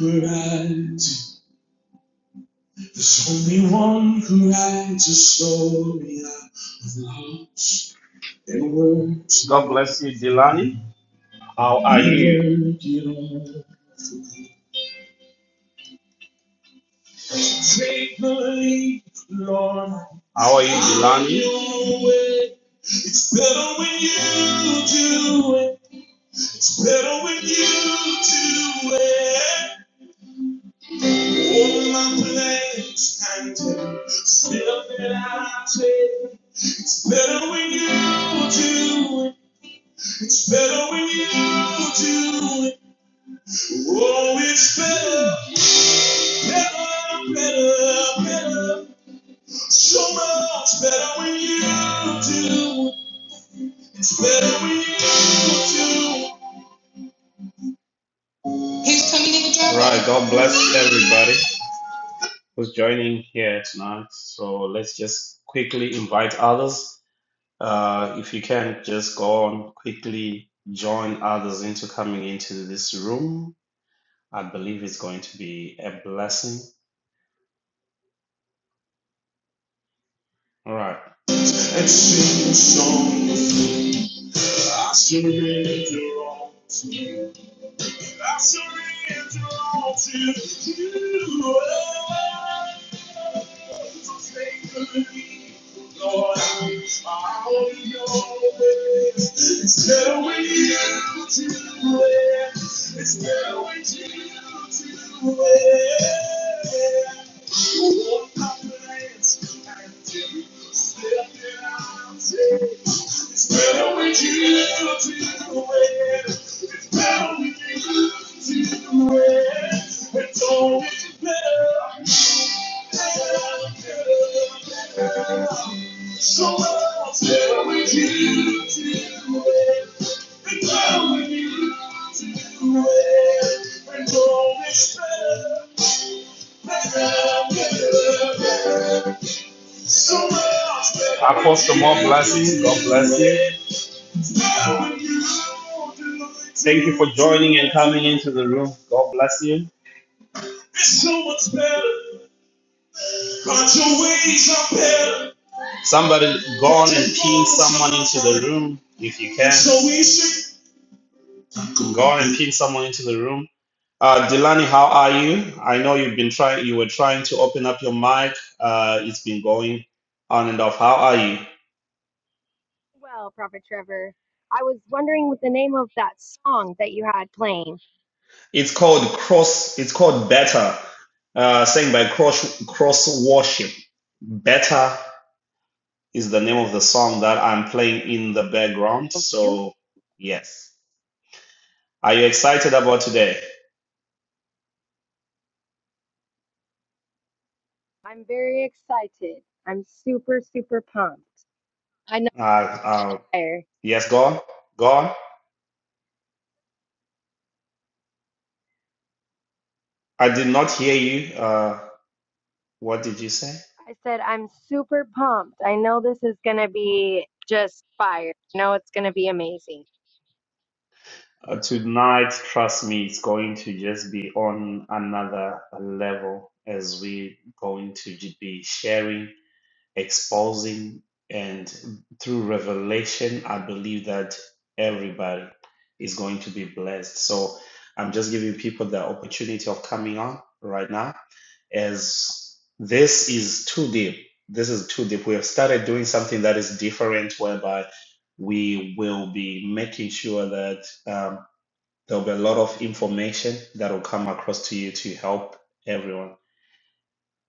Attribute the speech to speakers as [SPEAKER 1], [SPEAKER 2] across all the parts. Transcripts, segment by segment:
[SPEAKER 1] Right. There's only one who writes a story of love and words. God bless you, Delani. How are you? How are you, Delani? It's better when you do it. It's better when you do it. All my plans and still that I take. It's Better when you do it. It's Better when you do it. Oh, it's better, better, better, better. So much better when you do it. It's better when you do it. All right. God bless everybody who's joining here tonight. So let's just quickly invite others. Uh, if you can, just go on quickly join others into coming into this room I believe it's going to be a blessing. All right. Let's sing a song. I surrender all to you. Oh, faithfully, Lord, I will It's better with you to win. It's better with you to win. It's better with you to the It's better with you to the It's always better. better, better. So it's better with you to the It's better with you to the It's always better. better, better, better. Apostle, more blessings. God bless you. Thank you for joining and coming into the room. God bless you. so Somebody go on and pin someone into the room if you can. so Go on and pin someone into the room. Uh, Delani, how are you? I know you've been trying. You were trying to open up your mic. Uh, it's been going on and off. How are you?
[SPEAKER 2] Well, Prophet Trevor, I was wondering what the name of that song that you had playing.
[SPEAKER 1] It's called cross. It's called better. Uh, sang by Cross Cross Worship. Better is the name of the song that I'm playing in the background.
[SPEAKER 2] Thank you.
[SPEAKER 1] So yes, are you excited about today?
[SPEAKER 2] I'm very excited. I'm super, super pumped. I know
[SPEAKER 1] Uh, uh,
[SPEAKER 2] fire.
[SPEAKER 1] yes, go on, go on. I did not hear you. Uh, what did you say?
[SPEAKER 2] I said I'm super pumped. I know this is gonna be just fire. I know it's gonna be amazing.
[SPEAKER 1] Uh, tonight, trust me, it's going to just be on another level as we going to j- be sharing. exposing and through revelation i believe that everybody is going to be blessed so i'm just giving people the opportunity of coming on right now as this is too deep this is too deep we have started doing something that is different whereby we will be making sure that um, there will be a lot of information that will come across to you to help everyone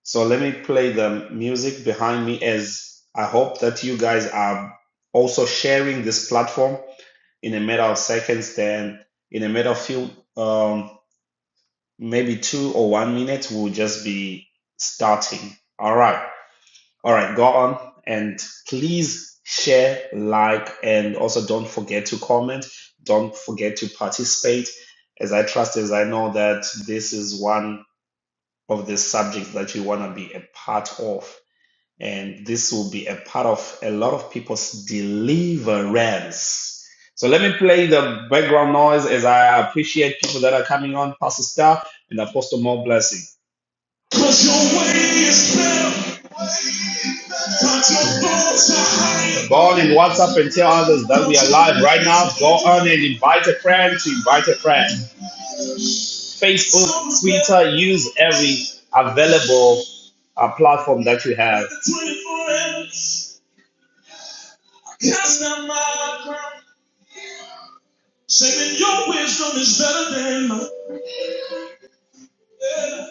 [SPEAKER 1] so let me play the music behind me as I hope that you guys are also sharing this platform in a matter of seconds. Then, in a matter of few, um, maybe two or one minute, we'll just be starting. All right. All right. Go on and please share, like, and also don't forget to comment. Don't forget to participate. As I trust, as I know that this is one of the subjects that you want to be a part of and this will be a part of a lot of people's deliverance. So let me play the background noise as I appreciate people that are coming on, Pastor Star and Apostle More Blessing. 'Cause your way is better, but your thoughts are higher. Go on and WhatsApp and tell others that we are live right now. Go on and invite a friend to invite a friend. Facebook, Twitter, use every available uh, platform that you have. Cast down my crown. Saying your wisdom is better than mine. Yeah.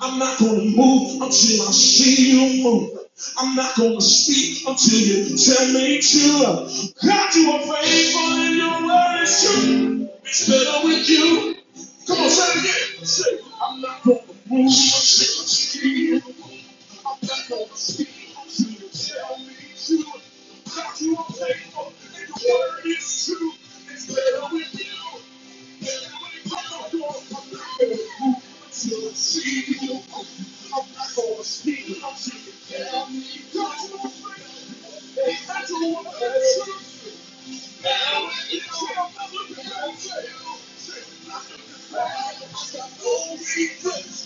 [SPEAKER 1] I'm not gonna move until I see you move. I'm not gonna speak until you tell me to. God, you are faithful and your word is true. It's better with you. Come on, say it again. Say, I'm not gonna move. until I see you.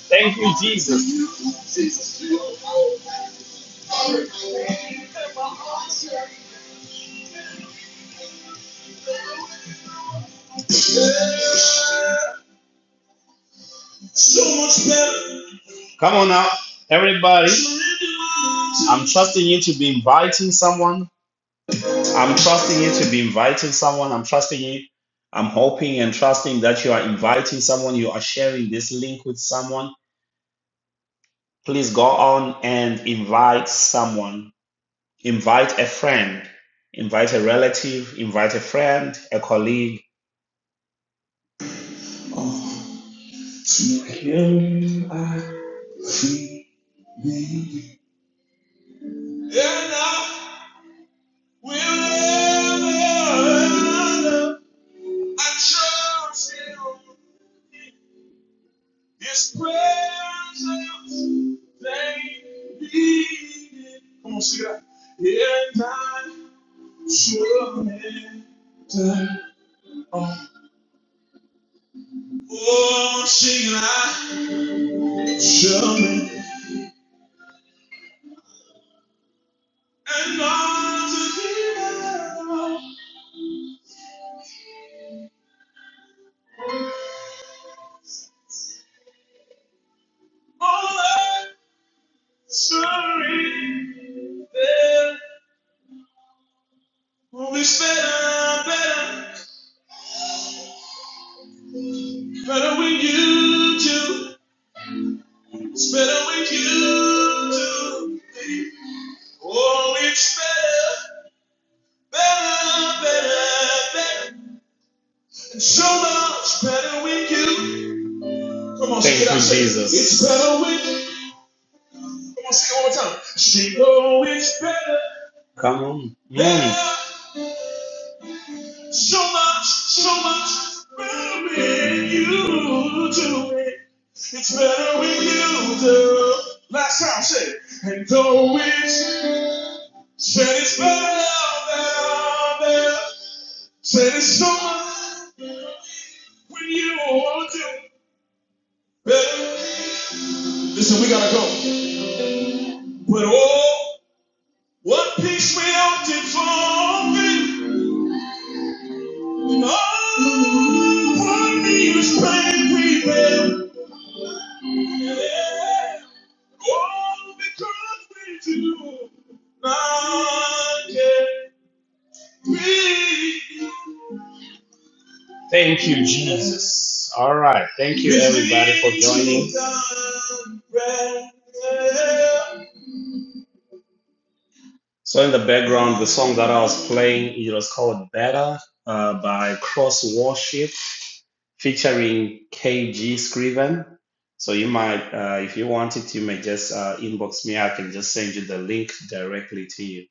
[SPEAKER 1] Thank you, Jesus. Come on now, everybody. I'm trusting you to be inviting someone. I'm trusting you to be inviting someone. I'm trusting you. I'm hoping and trusting that you are inviting someone. You are sharing this link with someone. Please go on and invite someone. Invite a friend. Invite a relative. Invite a friend, a colleague. To him I see thee. And I will ever I trust him. His presence, they need it. Come on, sing that. And I surrender all. Oh, she lied to me. And not to hear all that story. There it's better, better, better with you too. It's better with you too. Oh, it's better, better, better, better. And so much better with you. Come on, Thank you, Jesus. It's better with you. One more time. She know it's better. Come on. Mm. So much, so much better when you do it. It's better when you do. Last time I said, and though it's said it's better, better, better. Said it's so much when you do it. Better. Listen, we gotta go. But oh. What peace we often forfeit, and all what needless pain we bear. Yeah. Oh, because we do not care. Thank you, Jesus. All right. Thank you, everybody, for joining. So, in the background, the song that I was playing, it was called Better uh, by Cross Worship. featuring KG Scriven. So you might, uh, if you wanted, you may just uh, inbox me. I can just send you the link directly to you.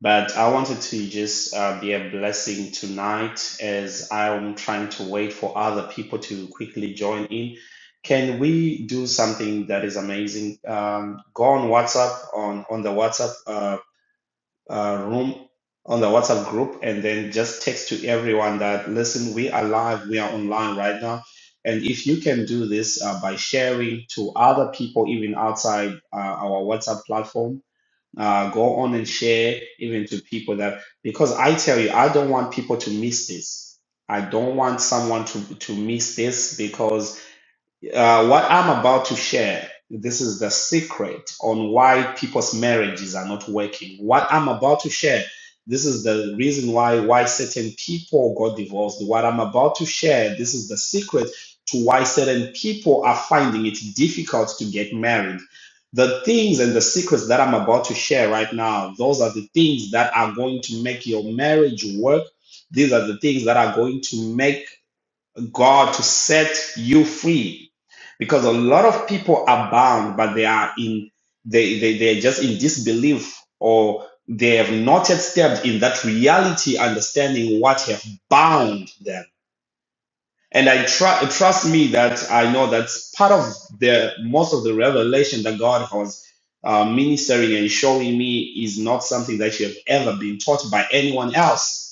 [SPEAKER 1] But I wanted to just uh, be a blessing tonight as I'm trying to wait for other people to quickly join in. Can we do something that is amazing? Um, go on WhatsApp on on the WhatsApp. uh, uh, room on the WhatsApp group and then just text to everyone that listen, we are live, we are online right now. And if you can do this uh, by sharing to other people, even outside uh, our WhatsApp platform, uh, go on and share even to people that, because I tell you, I don't want people to miss this. I don't want someone to, to miss this because. Uh, what I'm about to share, this is the secret on why people's marriages are not working. What I'm about to share, this is the reason why why certain people got divorced. What I'm about to share, this is the secret to why certain people are finding it difficult to get married. The things and the secrets that I'm about to share right now, those are the things that are going to make your marriage work. These are the things that are going to make God to set you free. Because a lot of people are bound, but they are in they they they're just in disbelief or they have not yet stepped in that reality, understanding what have bound them. And I tru- trust me that I know that's part of the most of the revelation that God has uh, ministering and showing me is not something that you have ever been taught by anyone else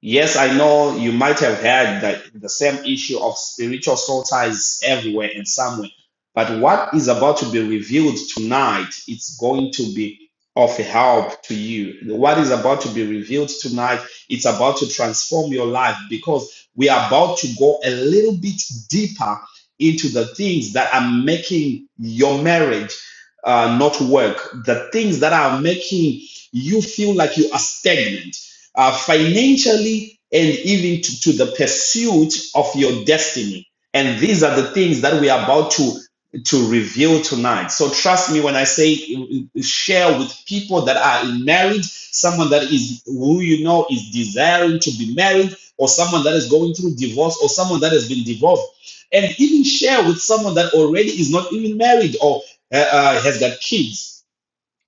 [SPEAKER 1] Yes, I know you might have heard that the same issue of spiritual soul ties everywhere and somewhere. But what is about to be revealed tonight, it's going to be of help to you. What is about to be revealed tonight, it's about to transform your life because we are about to go a little bit deeper into the things that are making your marriage uh, not work, the things that are making you feel like you are stagnant uh, financially and even to, to the pursuit of your destiny. And these are the things that we are about to to reveal tonight. So trust me when I say uh, share with people that are married, someone that is who you know is desiring to be married, or someone that is going through divorce, or someone that has been divorced, and even share with someone that already is not even married or uh, uh, has got kids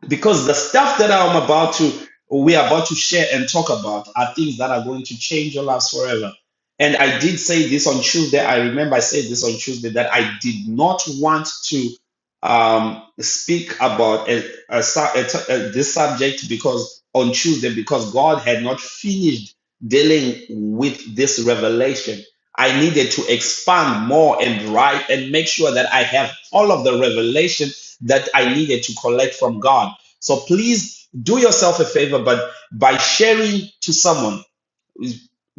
[SPEAKER 1] because the stuff that I'm about to we are about to share and talk about are things that are going to change your lives forever. And I did say this on Tuesday. I remember I said this on Tuesday that I did not want to um, speak about a, a, su- a t- a- this subject because on Tuesday because God had not finished dealing with this revelation. I needed to expand more and write and make sure that I have all of the revelation that I needed to collect from God so please do yourself a favor, but by sharing to someone,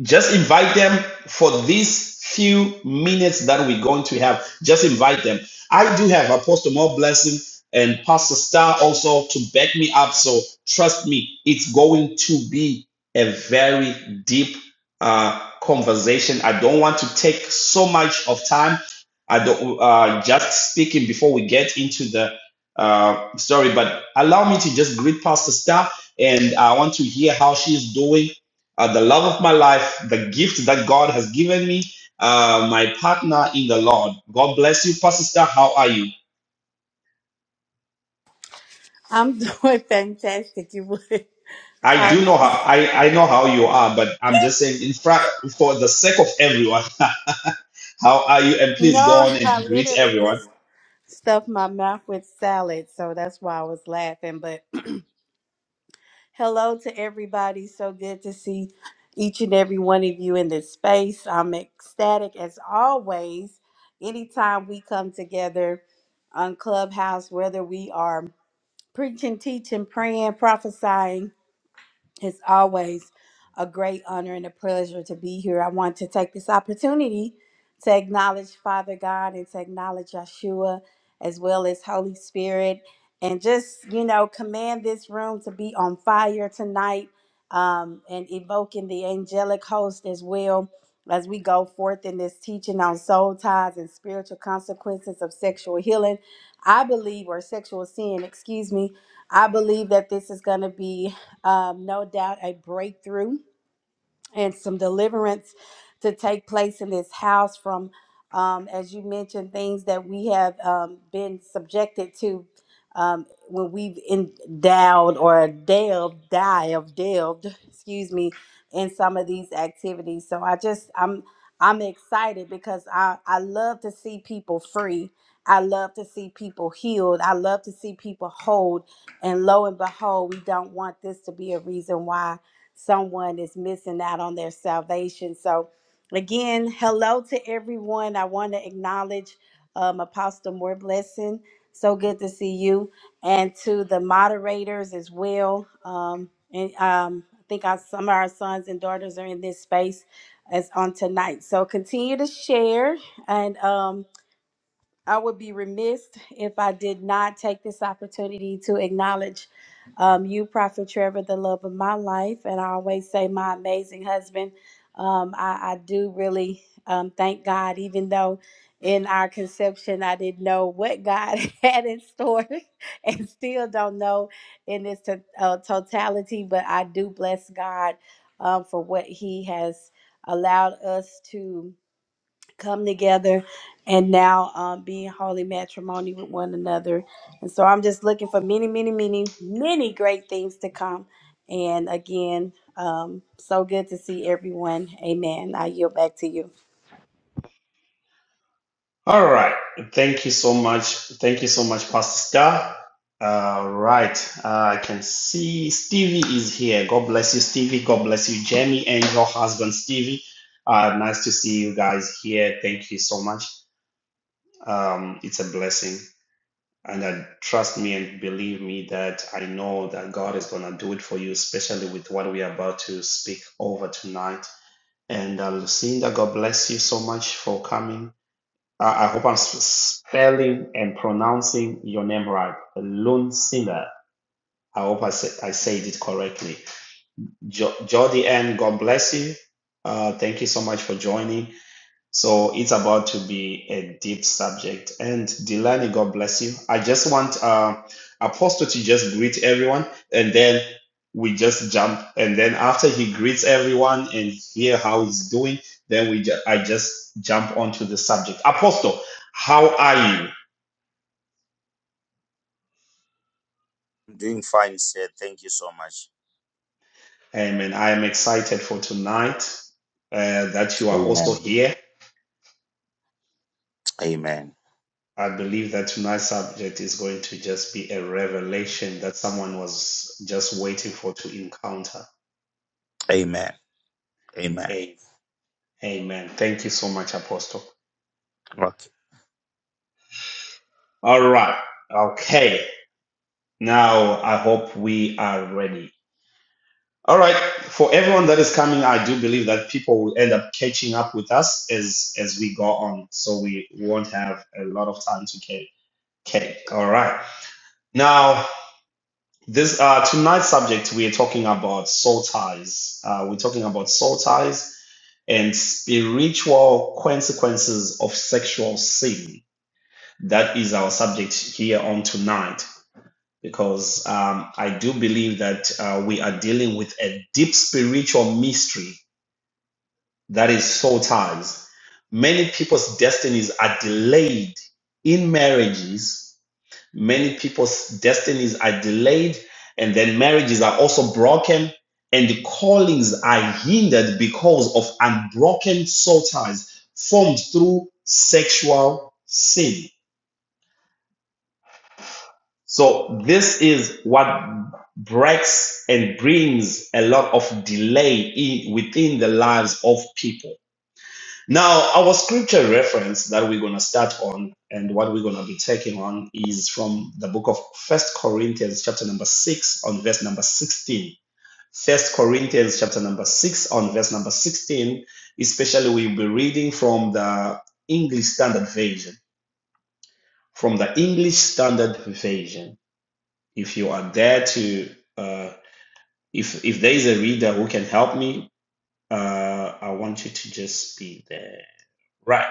[SPEAKER 1] just invite them for these few minutes that we're going to have. Just invite them. I do have Apostle More Blessing and Pastor Star also to back me up. So trust me, it's going to be a very deep uh, conversation. I don't want to take so much of time. I don't uh, just speaking before we get into the uh, story, but allow me to just greet Pastor Star and I want to hear how she's doing uh, the love of my life, the gift that God has given me, uh, my partner in the Lord. God bless you, Pastor Star. How are you?
[SPEAKER 3] I'm doing fantastic. You would
[SPEAKER 1] I
[SPEAKER 3] call
[SPEAKER 1] do know
[SPEAKER 3] my
[SPEAKER 1] how I, I know how you are, but I'm just saying, in fact, for the sake of everyone, how are you? And
[SPEAKER 3] No,
[SPEAKER 1] please go on and
[SPEAKER 3] I
[SPEAKER 1] greet
[SPEAKER 3] literally
[SPEAKER 1] everyone.
[SPEAKER 3] just stuffed my mouth with salad, so that's why I was laughing. But hello to everybody. So good to see each and every one of you in this space. I'm ecstatic as always. Anytime we come together on Clubhouse, whether we are preaching, teaching, praying, prophesying, It's always a great honor and a pleasure to be here. I want to take this opportunity to acknowledge Father God and to acknowledge Yeshua as well as Holy Spirit and just, you know, command this room to be on fire tonight um, and evoking the angelic host as well as we go forth in this teaching on soul ties and spiritual consequences of sexual healing. I believe, or sexual sin, excuse me, I believe that this is going to be um, no doubt a breakthrough and some deliverance to take place in this house from, um, as you mentioned, things that we have um, been subjected to um, when we've endowed or delved, dived, delved, excuse me, in some of these activities. So I just, I'm, I'm excited because I, I love to see people free. I love to see people healed. I love to see people hold. And lo and behold, we don't want this to be a reason why someone is missing out on their salvation. So, again, hello to everyone. I want to acknowledge um, Apostle More Blessing. So good to see you, and to the moderators as well. Um, and um, I think our, some of our sons and daughters are in this space as on tonight. So continue to share and. um, I would be remiss if I did not take this opportunity to acknowledge um, you, Prophet Trevor, the love of my life. And I always say, my amazing husband. Um, I, I do really um, thank God, even though in our conception, I didn't know what God had in store and still don't know in its to- uh, totality. But I do bless God um, for what He has allowed us to come together and now um, being holy matrimony with one another. And so I'm just looking for many, many, many, many great things to come. And again, um, so good to see everyone. Amen. I yield back to you.
[SPEAKER 1] All right. Thank you so much. Thank you so much, Pastor Star. All right. Uh, I can see Stevie is here. God bless you, Stevie. God bless you, Jamie, and your husband, Stevie. Uh, nice to see you guys here. Thank you so much. Um, it's a blessing. And uh, trust me and believe me that I know that God is going to do it for you, especially with what we are about to speak over tonight. And uh, Lucinda, God bless you so much for coming. I I hope I'm spelling and pronouncing your name right. Loon I hope I, say I said it correctly. Jo- Jody Ann, God bless you. Uh, thank you so much for joining. So it's about to be a deep subject. And Delani, God bless you. I just want uh, Apostle to just greet everyone and then we just jump. And then after he greets everyone and hear how he's doing, then we ju- I just jump onto the subject. Apostle, how are you?
[SPEAKER 4] I'm doing fine, sir. Thank you so much.
[SPEAKER 1] Amen. I am excited for tonight uh, that you are also
[SPEAKER 4] Amen.
[SPEAKER 1] here.
[SPEAKER 4] Amen.
[SPEAKER 1] I believe that tonight's subject is going to just be a revelation that someone was just waiting for to encounter.
[SPEAKER 4] Amen. Amen.
[SPEAKER 1] A- Amen. Thank you so much, Apostle.
[SPEAKER 4] Okay.
[SPEAKER 1] All right. Okay. Now I hope we are ready. All right. For everyone that is coming, I do believe that people will end up catching up with us as as we go on. So we won't have a lot of time to catch. Okay. All right. Now. This uh, tonight's subject we are talking about soul ties. Uh, we're talking about soul ties and spiritual consequences of sexual sin. That is our subject here on tonight because um, I do believe that uh, we are dealing with a deep spiritual mystery that is soul ties. Many people's destinies are delayed in marriages Many people's destinies are delayed, and then marriages are also broken, and the callings are hindered because of unbroken soul ties formed through sexual sin. So, this is what breaks and brings a lot of delay in, within the lives of people. Now, our scripture reference that we're going to start on and what we're going to be taking on is from the book of First Corinthians, chapter number 6, on verse number 16. First Corinthians, chapter number 6, on verse number 16, especially we'll be reading from the English Standard Version. From the English Standard Version. If you are there to, uh, if, if there is a reader who can help me, uh, I want you to just be there. Right.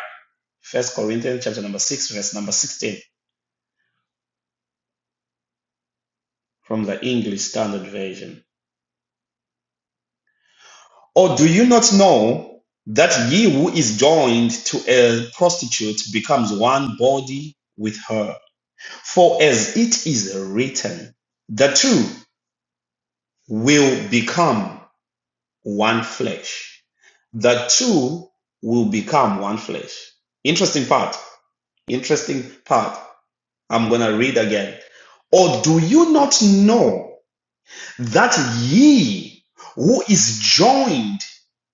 [SPEAKER 1] First Corinthians chapter number 6, verse number 16 from the English Standard Version. Or do you not know that he who is joined to a prostitute becomes one body with her? For as it is written, the two will become one flesh. The two will become one flesh. Interesting part. Interesting part. I'm going to read again. Or do you not know? that he who is joined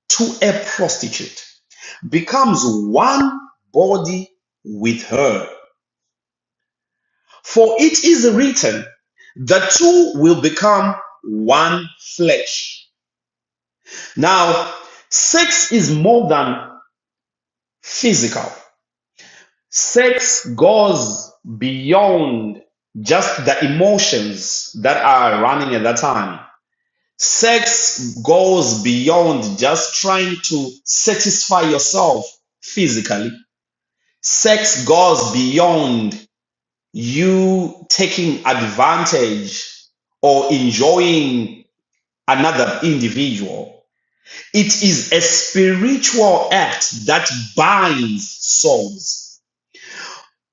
[SPEAKER 1] to a prostitute becomes one body with her. For it is written, the two will become one flesh. Now, sex is more than physical, sex goes beyond just the emotions that are running at that time. Sex goes beyond just trying to satisfy yourself physically. Sex goes beyond you taking advantage or enjoying another individual. It is a spiritual act that binds souls.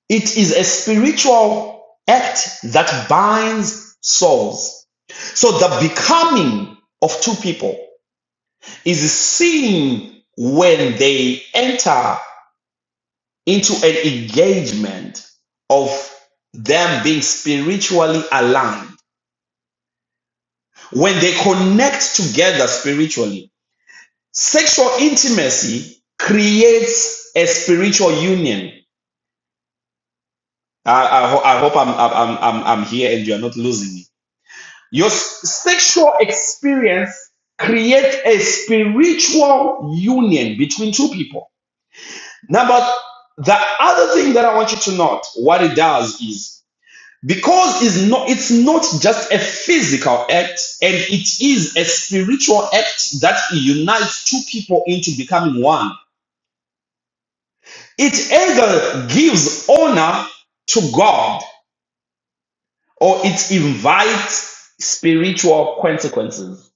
[SPEAKER 1] It is a spiritual act that binds souls. So the becoming of two people is seen when they enter into an engagement of them being spiritually aligned. When they connect together spiritually, sexual intimacy creates a spiritual union. I, I ho- I hope I'm, I'm, I'm, I'm here and you're not losing me. Your s- sexual experience creates a spiritual union between two people Now, but the other thing that I want you to note, what it does is because it's not it's not just a physical act, and it is a spiritual act that unites two people into becoming one. It either gives honor to God or it invites spiritual consequences.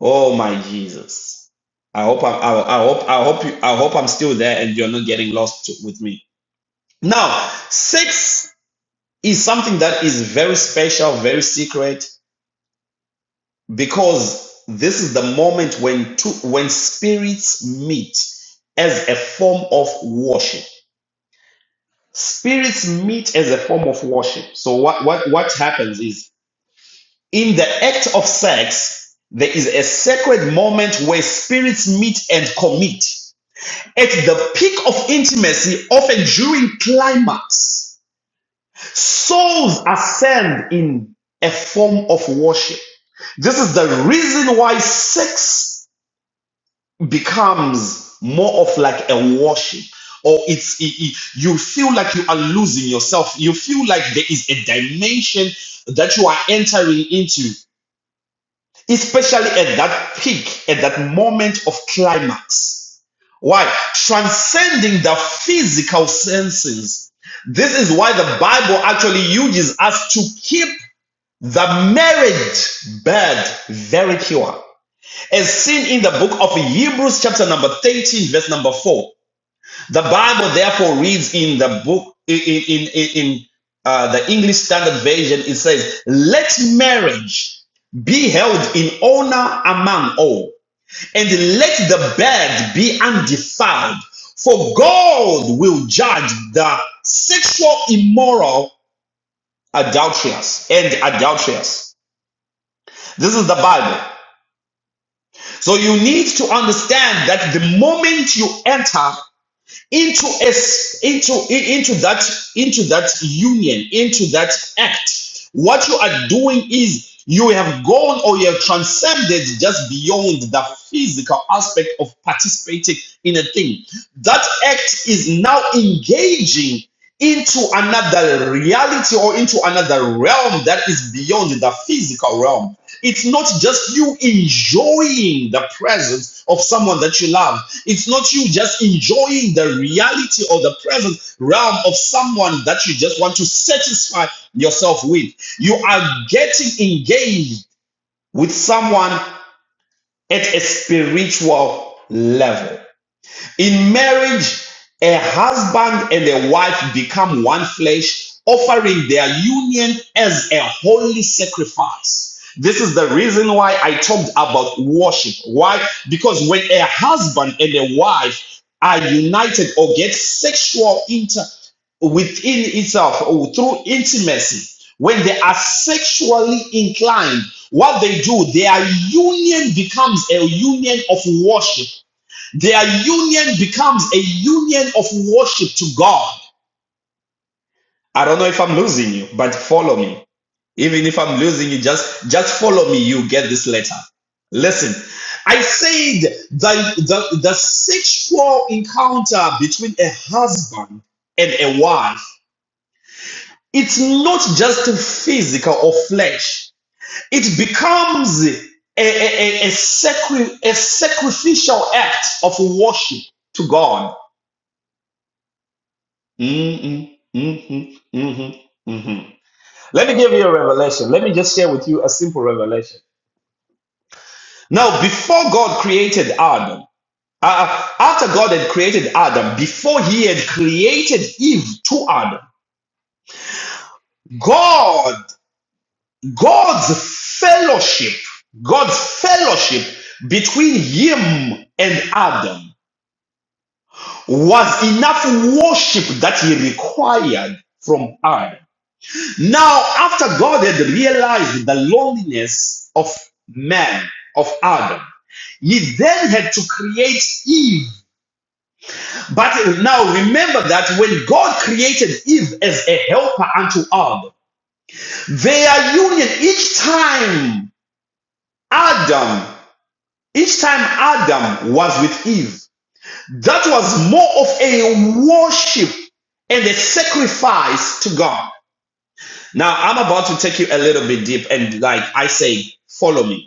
[SPEAKER 1] Oh my Jesus. I hope I'm, I, I hope I hope you, I hope I'm still there and you're not getting lost with me. Now, six is something that is very special, very secret, because this is the moment when two, when spirits meet as a form of worship. Spirits meet as a form of worship. So what what what happens is in the act of sex, there is a sacred moment where spirits meet and commit at the peak of intimacy, often during climax. Souls ascend in a form of worship. This is the reason why sex becomes more of like a worship. Or it's it- it- you feel like you are losing yourself. You feel like there is a dimension that you are entering into, especially at that peak, at that moment of climax. Why? Transcending the physical senses. This is why the Bible actually uses us to keep the marriage bed, very pure. As seen in the book of Hebrews, chapter number 13, verse number 4. The Bible therefore reads in the book, in, in, in, in uh, the English Standard Version, it says, Let marriage be held in honor among all, and let the bed be undefiled, for God will judge the sexual immoral adulterers and adulterers. This is the Bible. So you need to understand that the moment you enter into a into into that into that union, into that act, what you are doing is you have gone or you have transcended just beyond the physical aspect of participating in a thing. That act is now engaging into another reality or into another realm that is beyond the physical realm. It's not just you enjoying the presence of someone that you love. It's not you just enjoying the reality or the present realm of someone that you just want to satisfy yourself with. You are getting engaged with someone at a spiritual level. In marriage, a husband and a wife become one flesh, offering their union as a holy sacrifice. This is the reason why I talked about worship. Why? Because when a husband and a wife are united or get sexual inter within itself or through intimacy, when they are sexually inclined, what they do, their union becomes a union of worship their union becomes a union of worship to God. I don't know if I'm losing you, but follow me. Even if I'm losing you, just just follow me. You get this letter. Listen, I said that the, the sexual encounter between a husband and a wife, it's not just physical or flesh. It becomes a, a, a, a, sacri- a sacrificial act of worship to God Mm-mm, mm-hmm, mm-hmm, mm-hmm. Let me give you a revelation. Let me just share with you a simple revelation. Now, before God created Adam, uh, uh, after God had created Adam, before He had created Eve to Adam, God, God's fellowship, God's fellowship between Him and Adam was enough worship that He required from Adam. Now, after God had realized the loneliness of man, of Adam, he then had to create Eve. But now remember that when God created Eve as a helper unto Adam, their union each time Adam, each time Adam was with Eve, that was more of a worship and a sacrifice to God. Now I'm about to take you a little bit deep and like I say, follow me.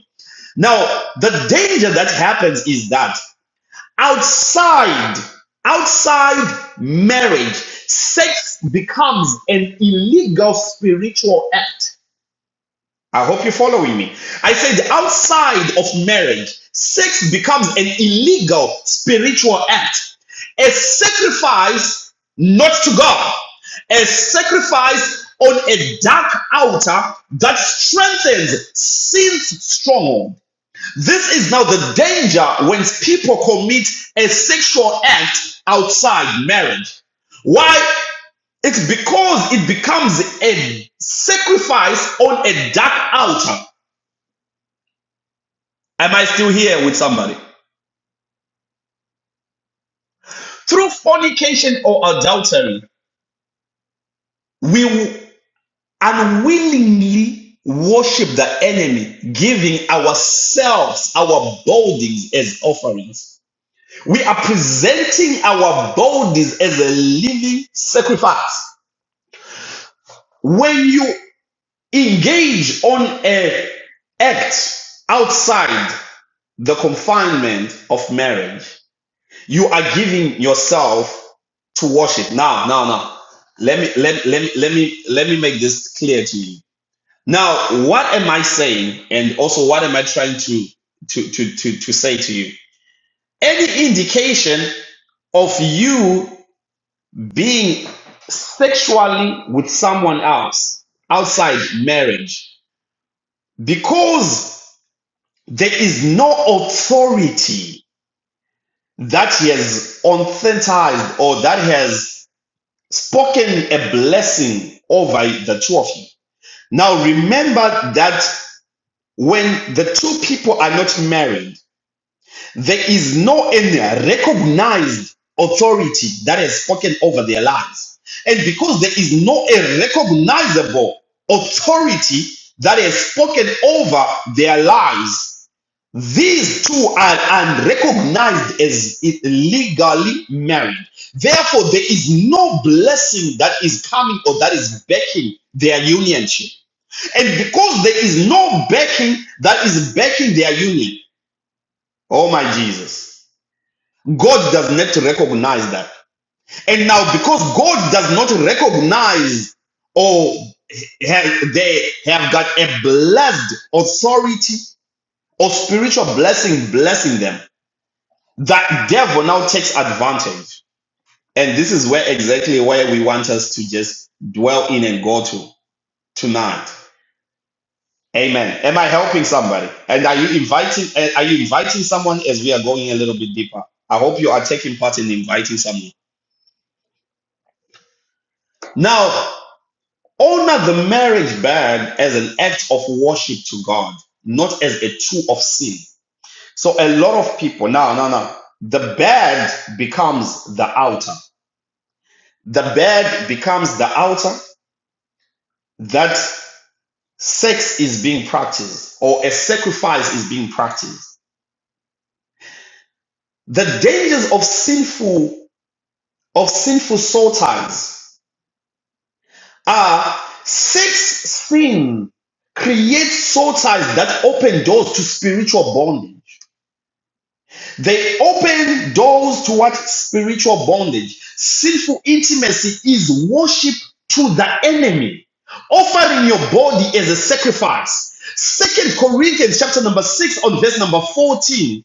[SPEAKER 1] Now, the danger that happens is that outside, outside marriage, sex becomes an illegal spiritual act. I hope you're following me. I said outside of marriage, sex becomes an illegal spiritual act. A sacrifice not to God, a sacrifice on a dark altar that strengthens sin's stronghold this is now the danger when people commit a sexual act outside marriage. Why? It's because it becomes a sacrifice on a dark altar. Am I still here with somebody? Through fornication or adultery, we will unwillingly worship the enemy, giving ourselves, our bodies as offerings. We are presenting our bodies as a living sacrifice. When you engage on a act outside the confinement of marriage, you are giving yourself to worship. Now, now, now. Let me let, let me let me let me make this clear to you. Now, what am I saying? And also what am I trying to to to to, to say to you? Any indication of you being sexually with someone else outside marriage because there is no authority that he has authentized or that has spoken a blessing over the two of you. Now remember that when the two people are not married, There is no any recognized authority that has spoken over their lives. And because there is no a recognizable authority that has spoken over their lives, these two are unrecognized as legally married. Therefore, there is no blessing that is coming or that is backing their unionship. And because there is no backing that is backing their union, oh my Jesus God does not recognize that. And now, because God does not recognize or have, they have got a blessed authority or spiritual blessing blessing them, that devil now takes advantage. And this is where exactly where we want us to just dwell in and go to tonight. Amen. Am I helping somebody? And are you inviting? eh, Are you inviting someone as we are going a little bit deeper? I hope you are taking part in inviting someone. Now, Honor the marriage bed as an act of worship to God, not as a tool of sin. So a lot of people no, no, no, the bed becomes the altar. The bed becomes the altar that sex is being practiced or a sacrifice is being practiced. The dangers of sinful of sinful soul ties are sex sin creates soul ties that open doors to spiritual bondage They open doors towards spiritual bondage. Sinful intimacy is worship to the enemy, offering your body as a sacrifice. Second Corinthians chapter number six on verse number 14.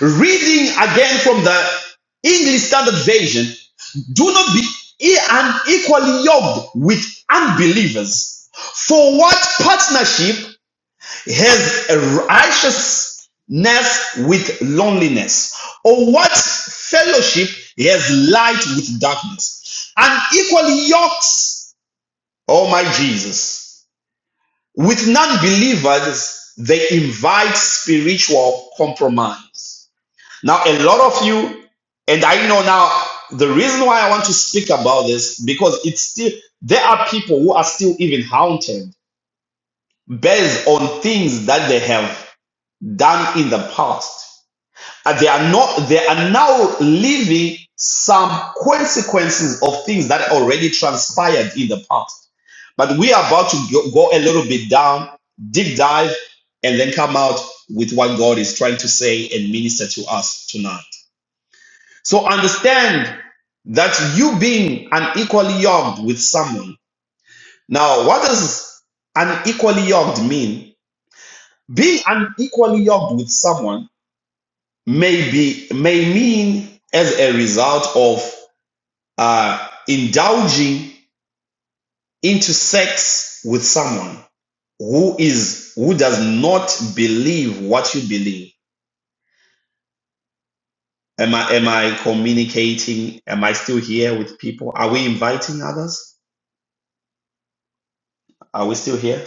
[SPEAKER 1] Reading again from the English Standard Version, do not be unequally yoked with unbelievers. For what partnership has a righteousness with loneliness? Or what fellowship has light with darkness? And equally yokes, oh my Jesus, with non believers, they invite spiritual compromise. Now, a lot of you, and I know now the reason why I want to speak about this because it's still, there are people who are still even haunted based on things that they have done in the past. And they are not they are now living some consequences of things that already transpired in the past. But we are about to go, a little bit down, deep dive, and then come out with what God is trying to say and minister to us tonight. So understand that you being unequally yoked with someone. Now, what does unequally yoked mean? Being unequally yoked with someone may be may mean as a result of uh, indulging into sex with someone who is who does not believe what you believe. Am I am I communicating? Am I still here with people? Are we inviting others? Are we still here?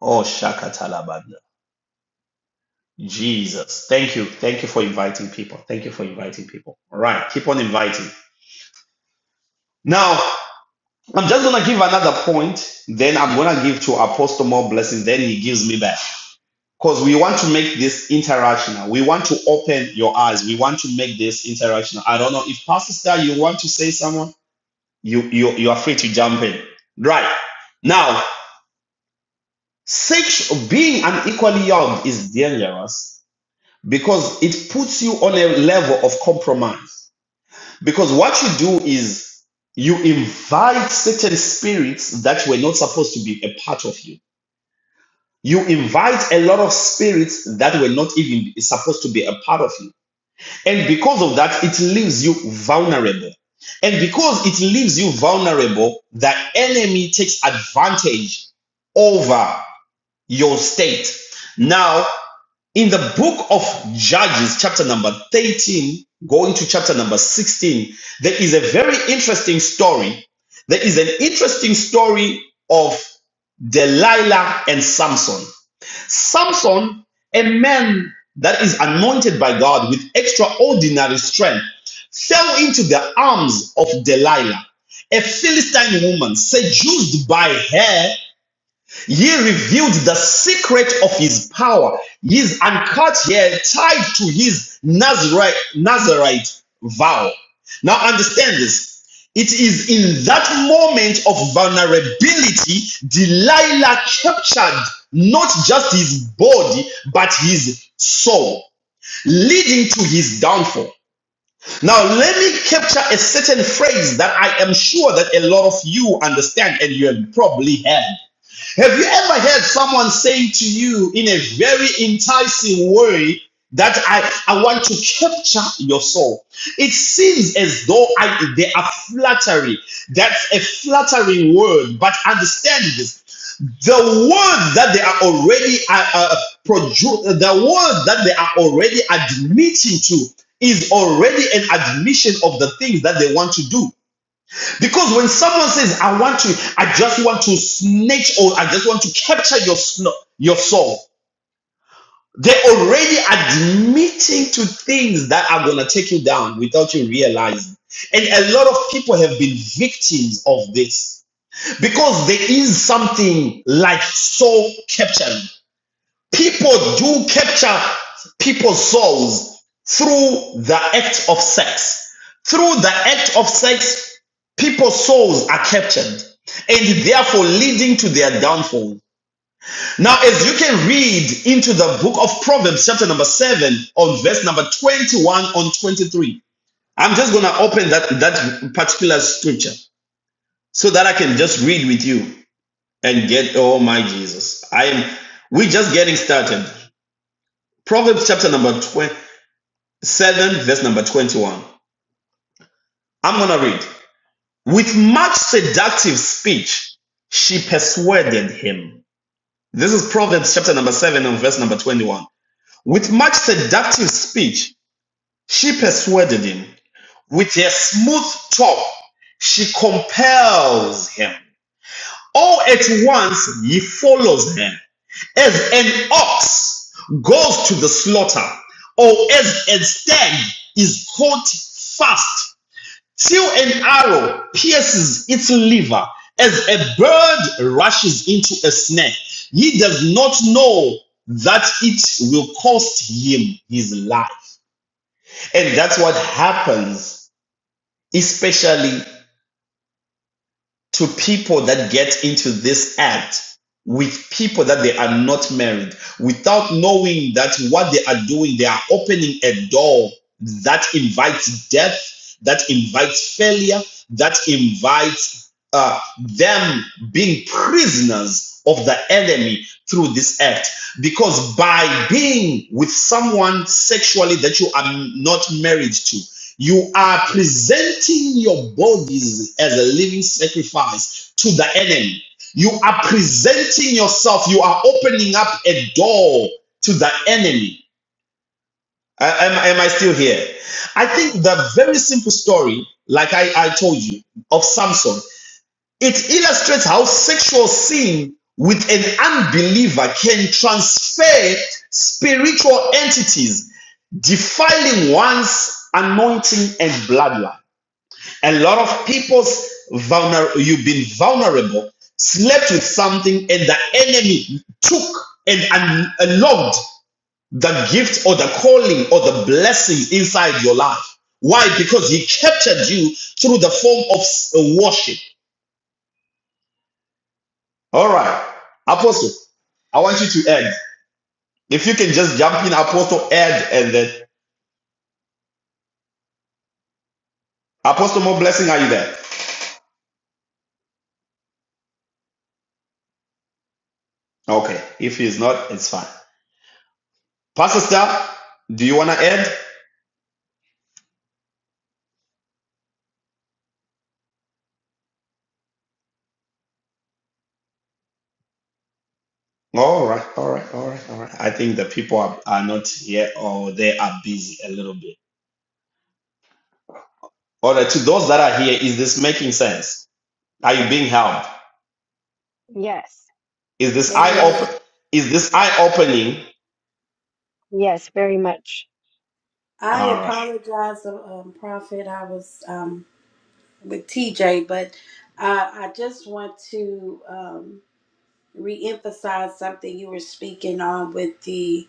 [SPEAKER 1] Oh Shaka Talabanda. Jesus. Thank you. Thank you for inviting people. Thank you for inviting people. All right. Keep on inviting. Now I'm just gonna give another point, then I'm gonna give to Apostle more blessings, then he gives me back. Because we want to make this interactional. We want to open your eyes. We want to make this interactional. I don't know if Pastor Star, you want to say someone, you you you are free to jump in. Right. Now, sex being unequally yoked is dangerous because it puts you on a level of compromise. Because what you do is you invite certain spirits that were not supposed to be a part of you. You invite a lot of spirits that were not even supposed to be a part of you. And because of that, it leaves you vulnerable. And because it leaves you vulnerable, the enemy takes advantage over your state. Now, in the book of Judges, chapter number 13, going to chapter number 16, there is a very interesting story. There is an interesting story of Delilah and Samson. Samson, a man that is anointed by God with extraordinary strength, fell into the arms of Delilah, a Philistine woman seduced by her he revealed the secret of his power. His uncut hair tied to his Nazarite, Nazarite vow. Now understand this. It is in that moment of vulnerability Delilah captured not just his body, but his soul, leading to his downfall. Now, let me capture a certain phrase that I am sure that a lot of you understand and you have probably heard. Have you ever heard someone saying to you in a very enticing way that I, I want to capture your soul? It seems as though I, they are flattery. That's a flattering word, but understand this. The word that they are already uh, uh, produ- the word that they are already admitting to is already an admission of the things that they want to do. Because when someone says, I want to, I just want to snatch or I just want to capture your, sno- your soul, they're already admitting to things that are going to take you down without you realizing. And a lot of people have been victims of this because there is something like soul capturing. People do capture people's souls through the act of sex. Through the act of sex, People's souls are captured and therefore leading to their downfall. Now, as you can read into the book of Proverbs, chapter number 7, on verse number 21 on 23, I'm just going to open that, that particular scripture so that I can just read with you and get, oh my Jesus. I am, we're just getting started. Proverbs chapter number 27, verse number 21. I'm going to read. With much seductive speech, she persuaded him This is Proverbs chapter number 7 and verse number 21. With much seductive speech, she persuaded him. With her smooth talk, she compels him. All at once he follows her. As an ox goes to the slaughter, or as a stag is caught fast Till an arrow pierces its liver as a bird rushes into a snare. He does not know that it will cost him his life. And that's what happens, especially to people that get into this act with people that they are not married without knowing that what they are doing, they are opening a door that invites death, that invites failure, that invites uh, them being prisoners of the enemy through this act. Because by being with someone sexually that you are not married to, you are presenting your bodies as a living sacrifice to the enemy. You are presenting yourself. You are opening up a door to the enemy. A- Am, am I still here? I think the very simple story, like I, I told you, of Samson, it illustrates how sexual sin with an unbeliever can transfer spiritual entities, defiling one's anointing and bloodline. A lot of people's vulner- you've been vulnerable, slept with something, and the enemy took and un- unlocked the gift or the calling or the blessing inside your life. Why? Because he captured you through the form of s- worship. All right, Apostle, I want you to add. If you can just jump in, Apostle, add, and then Apostle, more blessing. Are you there? Okay. If he's not, it's fine. Pastor Star, do you want to add? All right, all right, all right, all right. I think the people are, are not here or they are busy a little bit. All right, to those that are here, is this making sense? Are you being helped?
[SPEAKER 2] Yes,
[SPEAKER 1] Is this eye
[SPEAKER 3] Amen.
[SPEAKER 2] yes,
[SPEAKER 1] open? Is this eye opening?
[SPEAKER 2] yes, very much.
[SPEAKER 3] I
[SPEAKER 1] All right.
[SPEAKER 3] apologize, um, Prophet. I was um, with TJ, but I, I just want to um, reemphasize something you were speaking on with the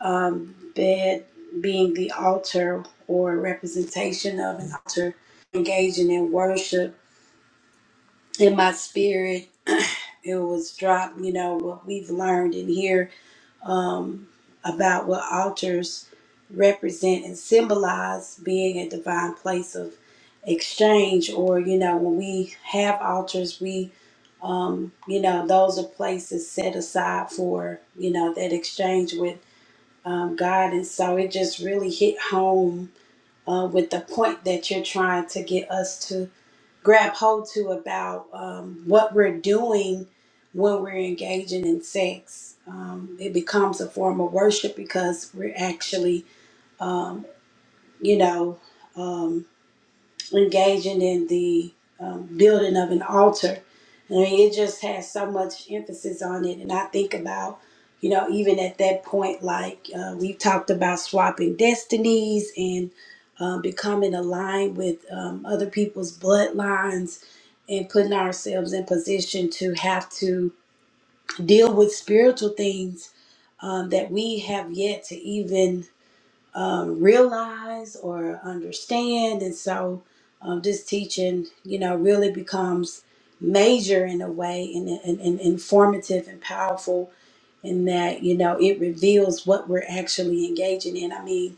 [SPEAKER 3] um, bed being the altar or representation of an altar, engaging in worship. In my spirit, it was dropped, you know, what we've learned in here um, about what altars represent and symbolize being a divine place of exchange, or, you know, when we have altars, we um, you know, those are places set aside for, you know, that exchange with um, God. And so it just really hit home uh, with the point that you're trying to get us to grab hold to about um, what we're doing when we're engaging in sex. Um, it becomes a form of worship because we're actually, um, you know, um, engaging in the um, building of an altar. I mean, it just has so much emphasis on it. And I think about, you know, even at that point, like uh, we've talked about swapping destinies and um, becoming aligned with um, other people's bloodlines and putting ourselves in position to have to deal with spiritual things um, that we have yet to even um, realize or understand. And so um, this teaching, you know, really becomes major in a way and, and, and informative and powerful in that, you know, it reveals what we're actually engaging in. I mean,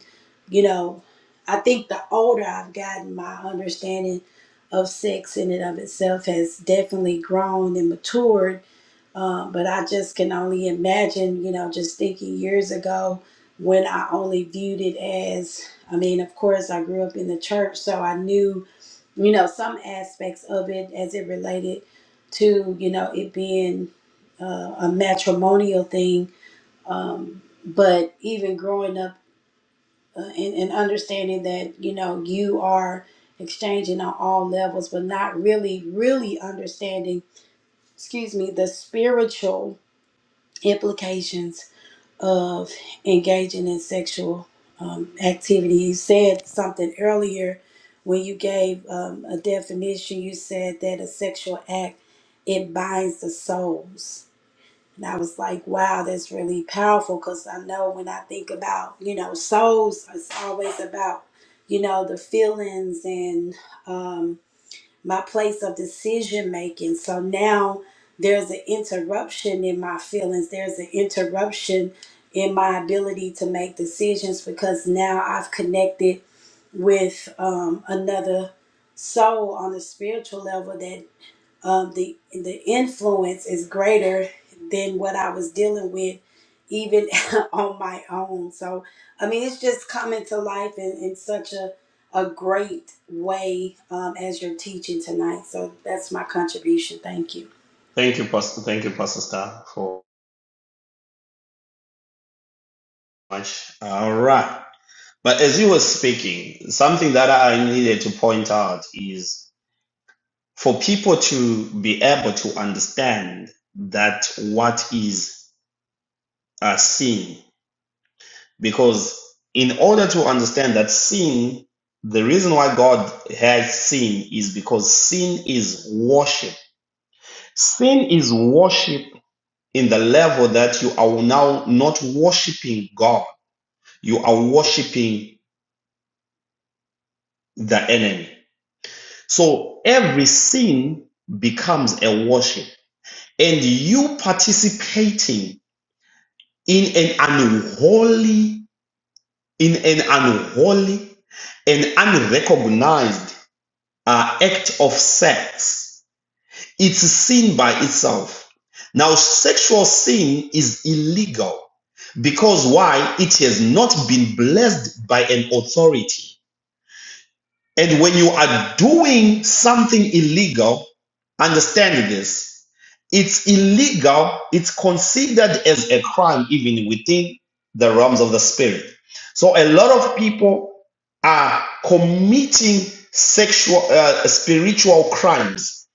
[SPEAKER 3] you know, I think the older I've gotten, my understanding of sex in and of itself has definitely grown and matured um, but I just can only imagine, you know, just thinking years ago when I only viewed it as, I mean, of course, I grew up in the church, so I knew, you know, some aspects of it as it related to, you know, it being uh, a matrimonial thing. Um, but even growing up uh, and, and understanding that, you know, you are exchanging on all levels, but not really, really understanding, excuse me, the spiritual implications of engaging in sexual um, activity. You said something earlier when you gave um, a definition. You said that a sexual act it binds the souls, and I was like, wow, that's really powerful because I know when I think about you know souls, it's always about you know the feelings and. Um, my place of decision making. So now there's an interruption in my feelings, there's an interruption in my ability to make decisions because now I've connected with um, another soul on a spiritual level That um, the the influence is greater than what I was dealing with even on my own. So I mean, it's just coming to life in, in such a a great way um, as you're teaching tonight. So that's my contribution. Thank you.
[SPEAKER 1] Thank you, Pastor. Thank you, Pastor Star, for much. All right. But as you were speaking, something that I needed to point out is for people to be able to understand that what is a sin Because in order to understand that sin, the reason why God has sin is because sin is worship. Sin is worship in the level that you are now not worshiping God, you are worshiping the enemy. So every sin becomes a worship, and you participating in an unholy, in an unholy, an unrecognized are act of sex. It's sin by itself. Now, sexual sin is illegal because why? It has not been blessed by an authority. And when you are doing something illegal, understand this. It's illegal, it's considered as a crime even within the realms of the spirit. So a lot of people are committing sexual uh, spiritual crimes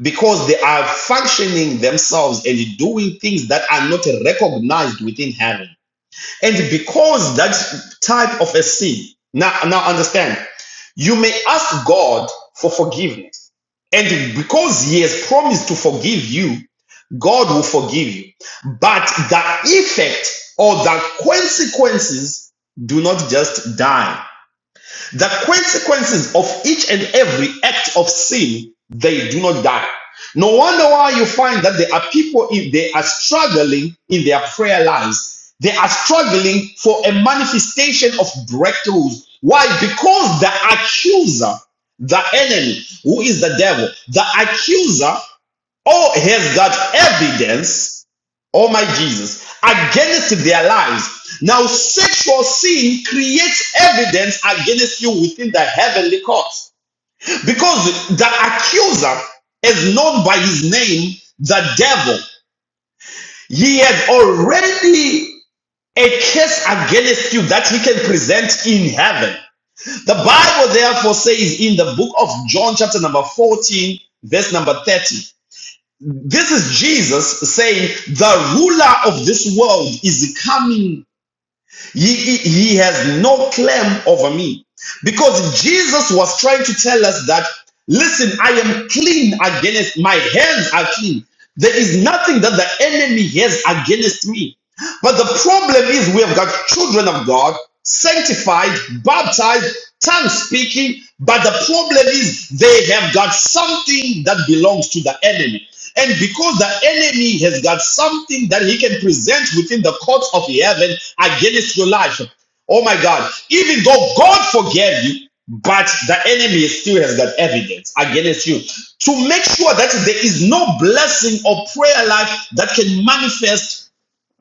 [SPEAKER 1] because they are functioning themselves and doing things that are not recognized within heaven. And because that type of a sin, now, now understand, you may ask God for forgiveness. And because He has promised to forgive you, God will forgive you. But the effect or the consequences do not just die. The consequences of each and every act of sin, they do not die. No wonder why you find that there are people, if they are struggling in their prayer lives, they are struggling for a manifestation of breakthroughs. Why? Because the accuser, the enemy, who is the devil, the accuser Oh, has got evidence, oh my Jesus, against their lives. Now, sexual sin creates evidence against you within the heavenly court because the accuser is known by his name, the devil. He has already a case against you that he can present in heaven. The Bible therefore says in the book of John, chapter number 14, verse number 30. This is Jesus saying, The ruler of this world is coming. He, he, he has no claim over me. Because Jesus was trying to tell us that, listen, I am clean against, my hands are clean. There is nothing that the enemy has against me. But the problem is, we have got children of God, sanctified, baptized, tongue speaking. But the problem is, they have got something that belongs to the enemy. And because the enemy has got something that he can present within the courts of heaven against your life. Oh my God. Even though God forgave you, but the enemy still has got evidence against you to make sure that there is no blessing or prayer life that can manifest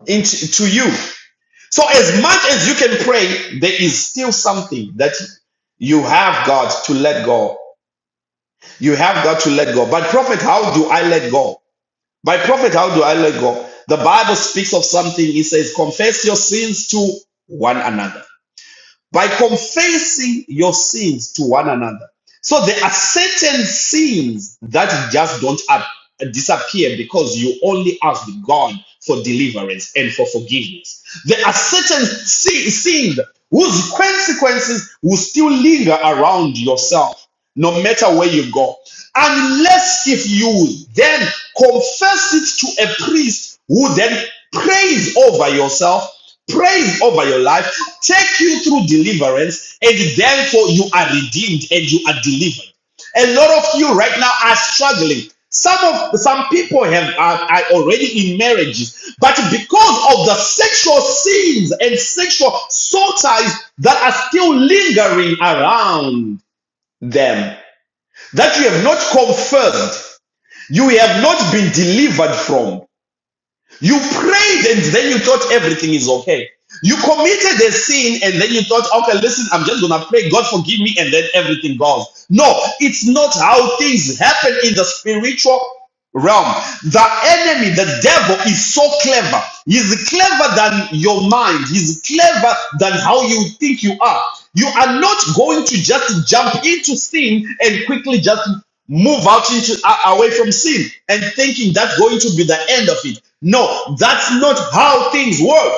[SPEAKER 1] into to you. So as much as you can pray, there is still something that you have got to let go. You have got to let go. But prophet, how do I let go? By prophet, how do I let go? The Bible speaks of something. It says, confess your sins to one another. By confessing your sins to one another. So there are certain sins that just don't ap- disappear because you only ask God for deliverance and for forgiveness. There are certain si- sins whose consequences will still linger around yourself no matter where you go. Unless if you then confess it to a priest who then prays over yourself, prays over your life, take you through deliverance, and therefore you are redeemed and you are delivered. A lot of you right now are struggling. Some of some people have are, are already in marriages, but because of the sexual sins and sexual soul ties that are still lingering around them, that you have not confirmed, you have not been delivered from. You prayed and then you thought everything is okay. You committed a sin and then you thought, okay, listen, I'm just gonna pray, God forgive me, and then everything goes. No, it's not how things happen in the spiritual realm. The enemy, the devil, is so clever. He's clever than your mind. He's clever than how you think you are. You are not going to just jump into sin and quickly just move out into a- away from sin and thinking that's going to be the end of it. No, that's not how things work.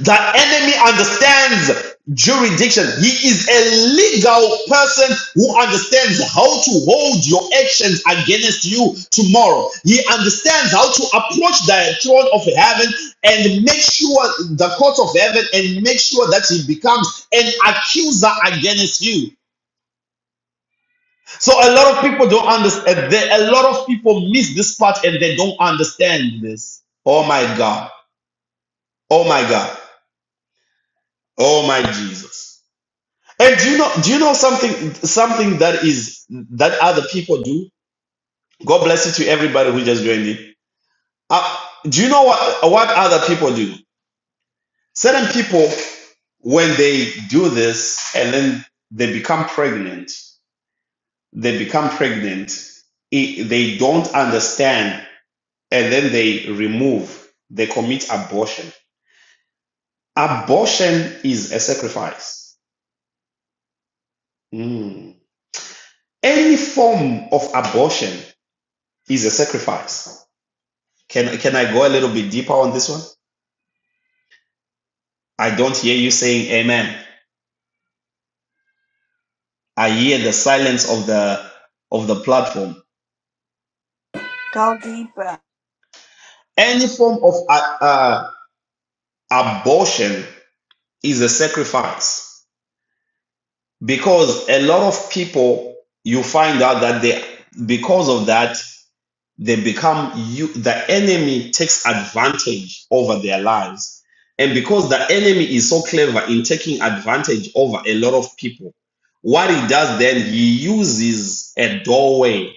[SPEAKER 1] The enemy understands jurisdiction. He is a legal person who understands how to hold your actions against you tomorrow. He understands how to approach the throne of heaven and make sure the court of heaven and make sure that he becomes an accuser against you. So a lot of people don't understand. A lot of people miss this part and they don't understand this. Oh my God. Oh my God. Oh my Jesus. And do you know do you know something something that is that other people do? God bless you to everybody who just joined in. Uh, do you know what what other people do? Certain people when they do this and then they become pregnant, they become pregnant, i- they don't understand and then they remove, they commit abortion. Abortion is a sacrifice. Mm. Any form of abortion is a sacrifice. Can, can I go a little bit deeper on this one? I don't hear you saying amen. I hear the silence of the of the platform.
[SPEAKER 3] Go deeper.
[SPEAKER 1] Any form of uh, uh, abortion is a sacrifice because a lot of people you find out that they because of that they become you the enemy takes advantage over their lives and because the enemy is so clever in taking advantage over a lot of people what he does then he uses a doorway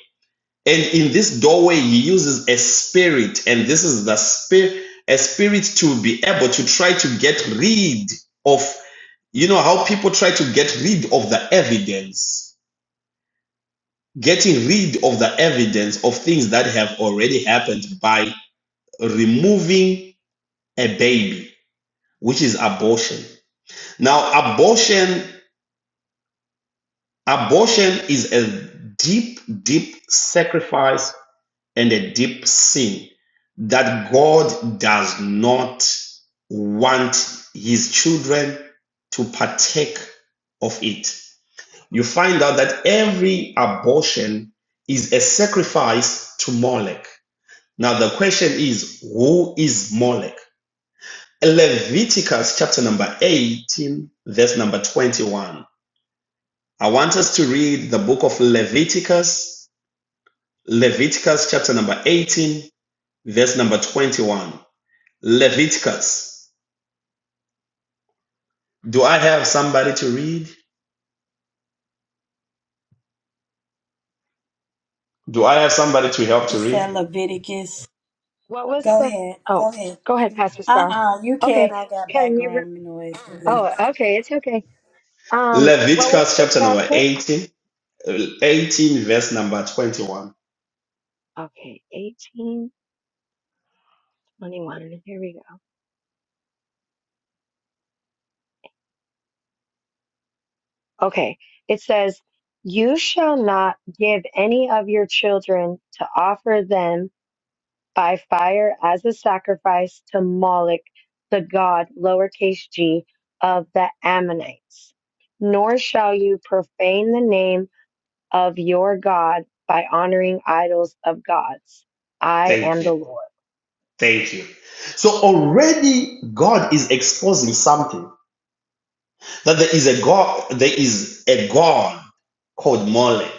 [SPEAKER 1] and in this doorway he uses a spirit and this is the spirit a spirit to be able to try to get rid of you know how people try to get rid of the evidence getting rid of the evidence of things that have already happened by removing a baby, which is abortion. Now, abortion, abortion is a deep, deep sacrifice and a deep sin that God does not want his children to partake of it. You find out that every abortion is a sacrifice to Molech. Now, the question is, who is Molech? Leviticus chapter number 18, verse number 21. I want us to read the book of Leviticus, Leviticus chapter number 18, verse number 21. Leviticus. Do I have somebody to read? Do I have somebody to help
[SPEAKER 3] You
[SPEAKER 1] to
[SPEAKER 3] said
[SPEAKER 1] read?
[SPEAKER 3] Leviticus.
[SPEAKER 2] What was
[SPEAKER 3] Go
[SPEAKER 2] the?
[SPEAKER 3] ahead.
[SPEAKER 2] Oh,
[SPEAKER 3] Go ahead.
[SPEAKER 2] go ahead, Pastor
[SPEAKER 3] Uh
[SPEAKER 2] Star.
[SPEAKER 3] uh you
[SPEAKER 2] Okay,
[SPEAKER 3] can't. I got
[SPEAKER 2] can you? Re-
[SPEAKER 3] background noise.
[SPEAKER 2] oh, okay, it's okay. Um, what was
[SPEAKER 1] Leviticus
[SPEAKER 2] the
[SPEAKER 1] chapter number
[SPEAKER 2] chapter?
[SPEAKER 1] 18, 18 verse number 21.
[SPEAKER 2] Okay, eighteen. 21. Here we go. Okay. It says, You shall not give any of your children to offer them by fire as a sacrifice to Moloch, the god, lowercase g, of the Ammonites. Nor shall you profane the name of your God by honoring idols of gods. I
[SPEAKER 1] Thank
[SPEAKER 2] am
[SPEAKER 1] you.
[SPEAKER 2] the Lord.
[SPEAKER 1] Thank you. So already God is exposing something. that there is a God, there is a God called Molech.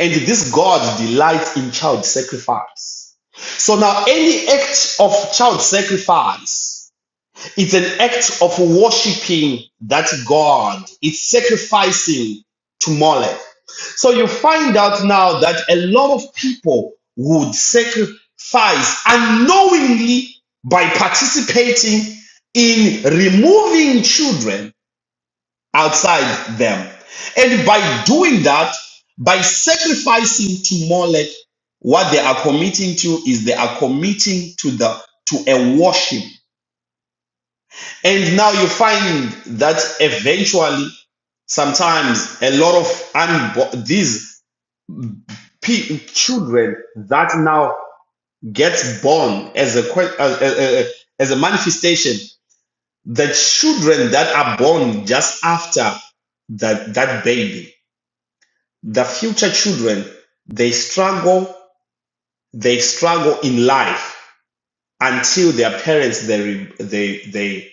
[SPEAKER 1] And this God delights in child sacrifice. So now any act of child sacrifice, it's an act of worshiping that God. It's sacrificing to Molech. So you find out now that a lot of people would sacrifice unknowingly by participating in removing children outside them. And by doing that, by sacrificing to Molech, what they are committing to is they are committing to the to a worship. And now you find that eventually, sometimes a lot of unbo- these pe- children that now gets born as a que- as, a as a manifestation, the children that are born just after that that baby The future children, they struggle they struggle in life until their parents they they they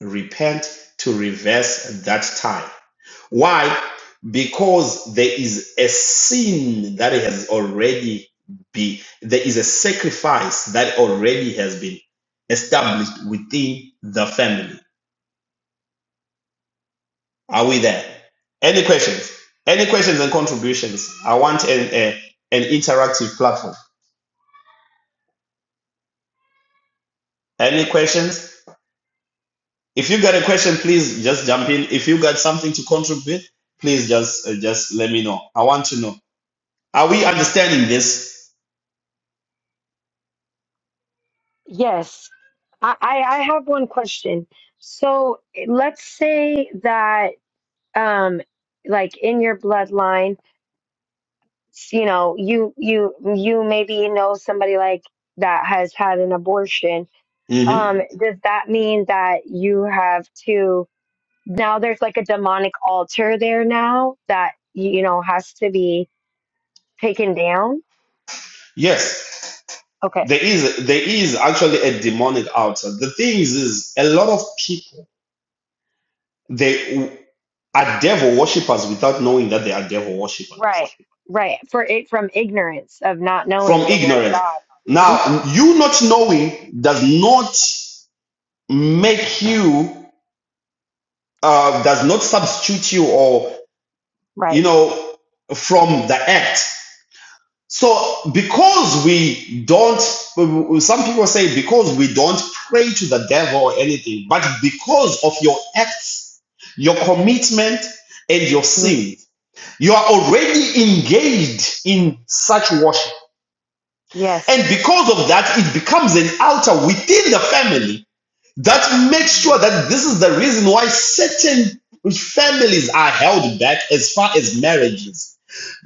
[SPEAKER 1] repent to reverse that time. Why? Because there is a sin that has already be there is a sacrifice that already has been established within the family. Are we there? Any questions? Any questions and contributions? I want an, a, an interactive platform. Any questions? If you got a question, please just jump in. If you got something to contribute, please just uh, just let me know. I want to know. Are we understanding this?
[SPEAKER 2] Yes. I, I, I have one question. So let's say that um like in your bloodline s- you know you you you maybe know somebody like that has had an abortion
[SPEAKER 1] hmm
[SPEAKER 2] um does that mean that you have to now there's like a demonic altar there now that you know has to be taken down
[SPEAKER 1] Yes,
[SPEAKER 2] okay
[SPEAKER 1] there is there is actually a demonic outside. The thing is, is a lot of people they w- are devil worshippers without knowing that they are devil worshippers
[SPEAKER 2] right right for it from ignorance of not
[SPEAKER 1] from
[SPEAKER 2] knowing the word of
[SPEAKER 1] ignorance.
[SPEAKER 2] god Mhm.
[SPEAKER 1] Now, you not knowing does not make you uh, does not substitute you or you
[SPEAKER 2] right
[SPEAKER 1] know, from the act. So because we don't, some people say because we don't pray to the devil or anything, but because of your acts, your commitment, and your
[SPEAKER 2] Mm.
[SPEAKER 1] sin, you are already engaged in such worship.
[SPEAKER 2] yes
[SPEAKER 1] And because of that, it becomes an altar within the family that makes sure
[SPEAKER 2] Mm.
[SPEAKER 1] that this is the reason why certain families are held back as far as marriages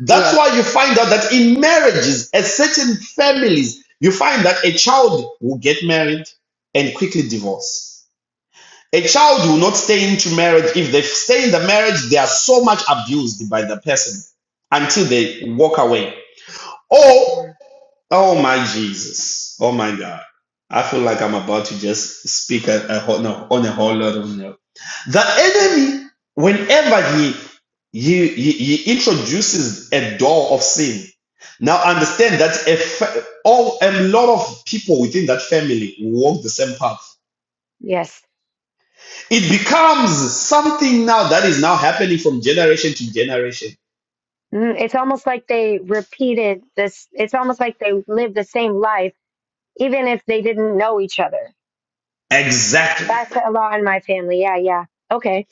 [SPEAKER 1] that's
[SPEAKER 2] yes
[SPEAKER 1] why you find out that in marriages, at certain families, you find that a child will get married and quickly divorce. A child will not stay into marriage. If they stay in the marriage, they are so much abused by the person until they walk away. Oh,
[SPEAKER 2] Mm.
[SPEAKER 1] oh my Jesus. Oh my God. I feel like I'm about to just speak a, a whole, no, on a whole lot of the enemy, whenever he, he, he, he introduces a door of sin, now understand that a, fa- all, a lot of people within that family walk the same path.
[SPEAKER 2] yes
[SPEAKER 1] It becomes something now that is now happening from generation to generation.
[SPEAKER 2] Mm, It's almost like they repeated this. It's almost like they lived the same life, even if they didn't know each other.
[SPEAKER 1] Exactly.
[SPEAKER 2] That's a lot in my family. Yeah, yeah. Okay.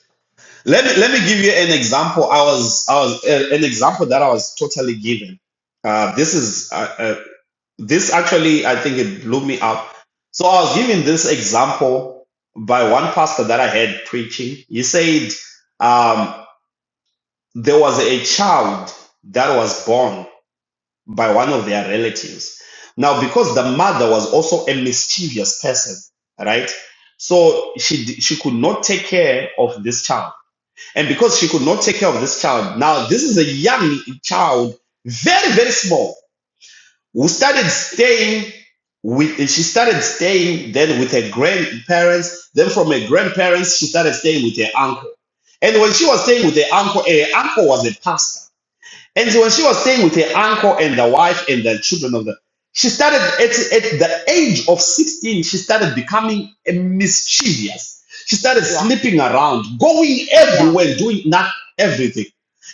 [SPEAKER 1] Let me let me give you an example. I was I was uh, an example that I was totally given. Uh, this is uh, uh, This actually, I think it blew me up. So I was given this example by one pastor that I had preaching. He said um, there was a child that was born by one of their relatives. Now, because the mother was also a mischievous person, right? So she d- she could not take care of this child, and because she could not take care of this child, now this is a young child, very very small we started staying with she started staying then with her grandparents. Then from her grandparents, she started staying with her uncle. And when she was staying with her uncle, her uncle was a pastor. And so when she was staying with her uncle and the wife and the children of the, she started at, at the age of 16, she started becoming a mischievous. She started
[SPEAKER 2] Yeah,
[SPEAKER 1] sleeping around, going
[SPEAKER 2] yeah.
[SPEAKER 1] everywhere, doing not everything.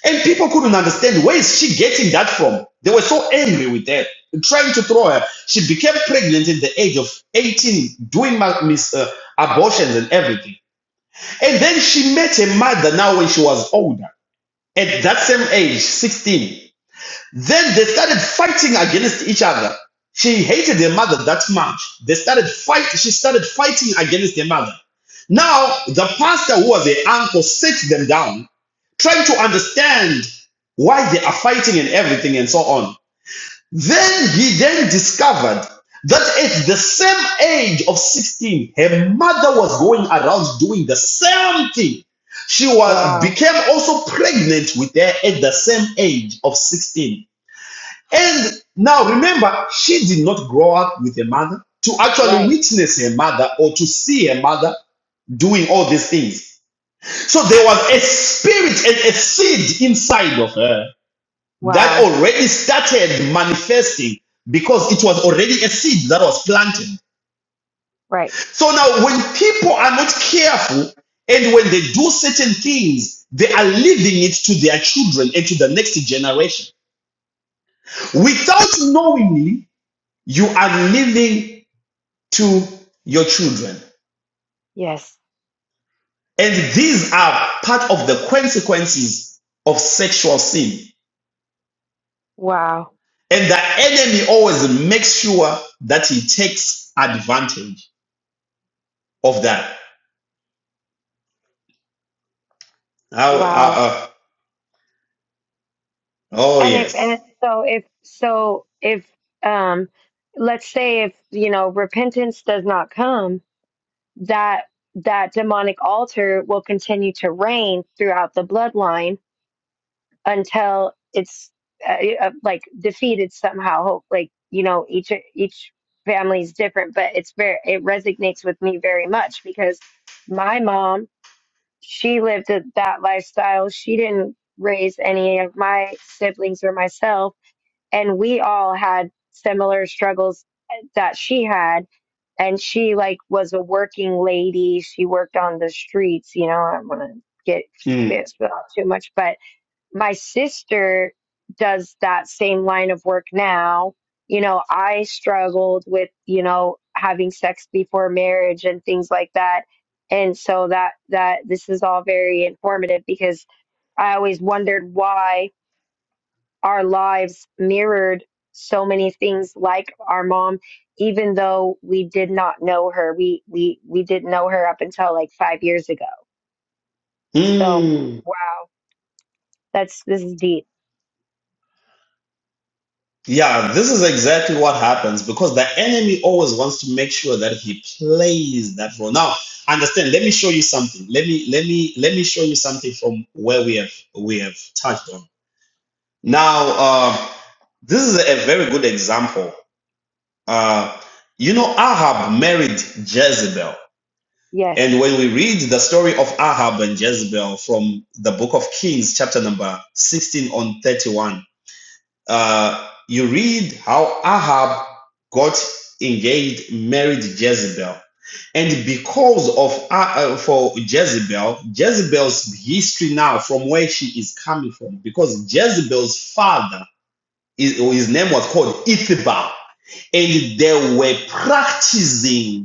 [SPEAKER 1] And people couldn't understand where is she getting that from? They were so angry with her, trying to throw her. She became pregnant at the age of 18, doing ma- mis- uh, abortions and everything. And then she met her mother now when she was older, at that same age, 16 then they started fighting against each other. She hated her mother that much. They started fight. She started fighting against her mother. Now the pastor, who was her uncle, sits them down, trying to understand why they are fighting and everything and so on. Then he then discovered that at the same age of 16, her mother was going around doing the same thing. She was
[SPEAKER 2] Wow.
[SPEAKER 1] became also pregnant with her at the same age of 16 and now remember, she did not grow up with a mother to actually
[SPEAKER 2] Right.
[SPEAKER 1] witness her mother or to see her mother doing all these things. So there was a spirit and a seed inside of her that
[SPEAKER 2] Wow.
[SPEAKER 1] already started manifesting because it was already a seed that was planted.
[SPEAKER 2] Right.
[SPEAKER 1] So now, when people are not careful and when they do certain things, they are leaving it to their children and to the next generation. Without knowingly, you are leaving to your children.
[SPEAKER 2] Yes.
[SPEAKER 1] And these are part of the consequences of sexual sin.
[SPEAKER 2] Wow.
[SPEAKER 1] And the enemy always makes sure that he takes advantage of that. How- uh,
[SPEAKER 2] Wow.
[SPEAKER 1] uh, oh,
[SPEAKER 2] And if,
[SPEAKER 1] yes.
[SPEAKER 2] and so if, so if, um, let's say if, you know, repentance does not come, that, that demonic altar will continue to reign throughout the bloodline until it's uh, uh, like defeated somehow. Hope like you know each each family is different, but it's very it resonates with me very much because my mom she lived a- that lifestyle. She didn't raise any of my siblings or myself, and we all had similar struggles uh, that she had. And she like was a working lady. She worked on the streets. You know, I don't want to get
[SPEAKER 1] Mm.
[SPEAKER 2] spit out too much, but my sister does that same line of work now. You know, I struggled with, you know, having sex before marriage and things like that. And so that that this is all very informative because I always wondered why our lives mirrored so many things like our mom even though we did not know her. We we we didn't know her up until like 5 years ago. So,
[SPEAKER 1] Mm.
[SPEAKER 2] wow. That's this is deep.
[SPEAKER 1] Yeah, this is exactly what happens because the enemy always wants to make sure that he plays that role. Now, understand, let me show you something. Let me let me let me show you something from where we have we have touched on Now, uh, this is a very good example. Uh, you know, Ahab married Jezebel.
[SPEAKER 2] Yes.
[SPEAKER 1] And when we read the story of Ahab and Jezebel from the book of Kings, chapter number 16 on 31, uh, you read how Ahab got engaged, married Jezebel. And because of uh, uh, for Jezebel, Jezebel's history now from where she is coming from, because Jezebel's father his, his name was called Ithiba, and they were practicing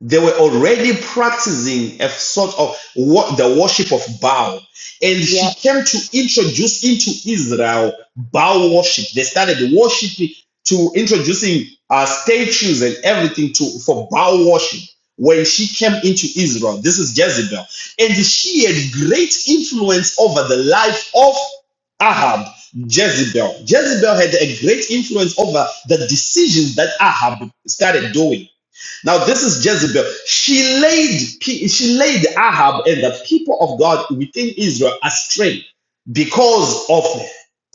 [SPEAKER 1] they were already practicing a sort of what the worship of Baal. And she
[SPEAKER 2] Yep.
[SPEAKER 1] came to introduce into Israel Baal worship. They started worshiping to introducing uh, statues and everything to for Baal worship. When she came into Israel, this is Jezebel, and she had great influence over the life of Ahab, Jezebel. Jezebel had a great influence over the decisions that Ahab started doing. Now this is Jezebel. She laid she laid Ahab and the people of God within Israel astray because of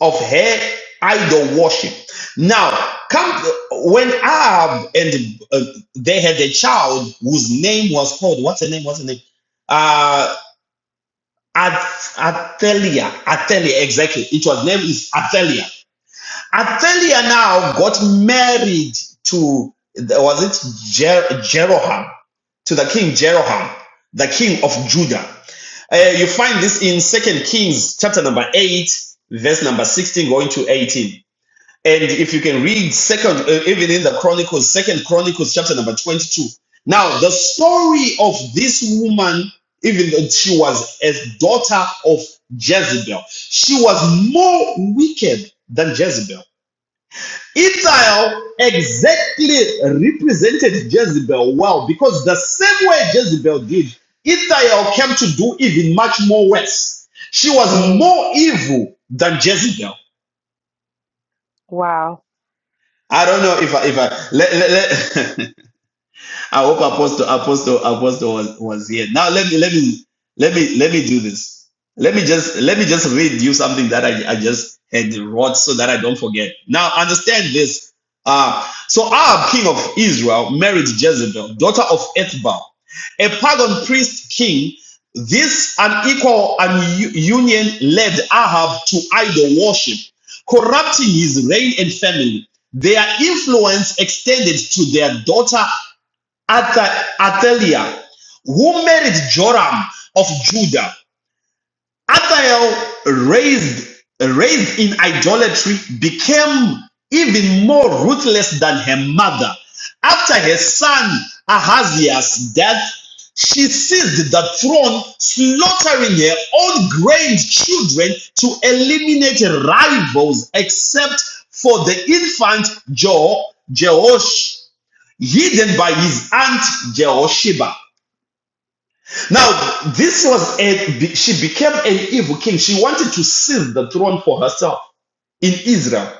[SPEAKER 1] of her idol worship. Now come when Ahab and uh, they had a child whose name was called what's her name? What's her name? Uh, At- Athaliah. Athaliah. Exactly. It was name is Athaliah. Athaliah now got married to was it Jer- Jeroham to the king Jeroham, the king of Judah. Uh, you find this in Second Kings chapter number eight, verse number sixteen, going to eighteen. And if you can read second, uh, even in the Chronicles, Second Chronicles chapter number twenty-two. Now the story of this woman, even though she was a daughter of Jezebel, she was more wicked than Jezebel Ithiel exactly represented Jezebel well because the same way Jezebel did, Ithiel came to do even much more worse. She was
[SPEAKER 2] Mm,
[SPEAKER 1] more evil than Jezebel.
[SPEAKER 2] wow.
[SPEAKER 1] I don't know if I, if I, let, let, let, I hope Apostle Apostle Apostle was, was here. Now let me let me let me let me do this. Let me just let me just read you something that I, I just had wrote so that I don't forget. Now understand this. Uh, so Ahab, king of Israel, married Jezebel, daughter of Ethbaal, a pagan priest king. This unequal un- union led Ahab to idol worship, corrupting his reign and family. Their influence extended to their daughter Atta- Athaliah, who married Joram of Judah. Athael, raised, raised in idolatry, became even more ruthless than her mother. After her son Ahaziah's death, she seized the throne, slaughtering her own grandchildren to eliminate rivals, except for the infant jo- Jehosh hidden by his aunt Jehosheba. Now, this was a, she became an evil king. She wanted to seize the throne for herself in Israel.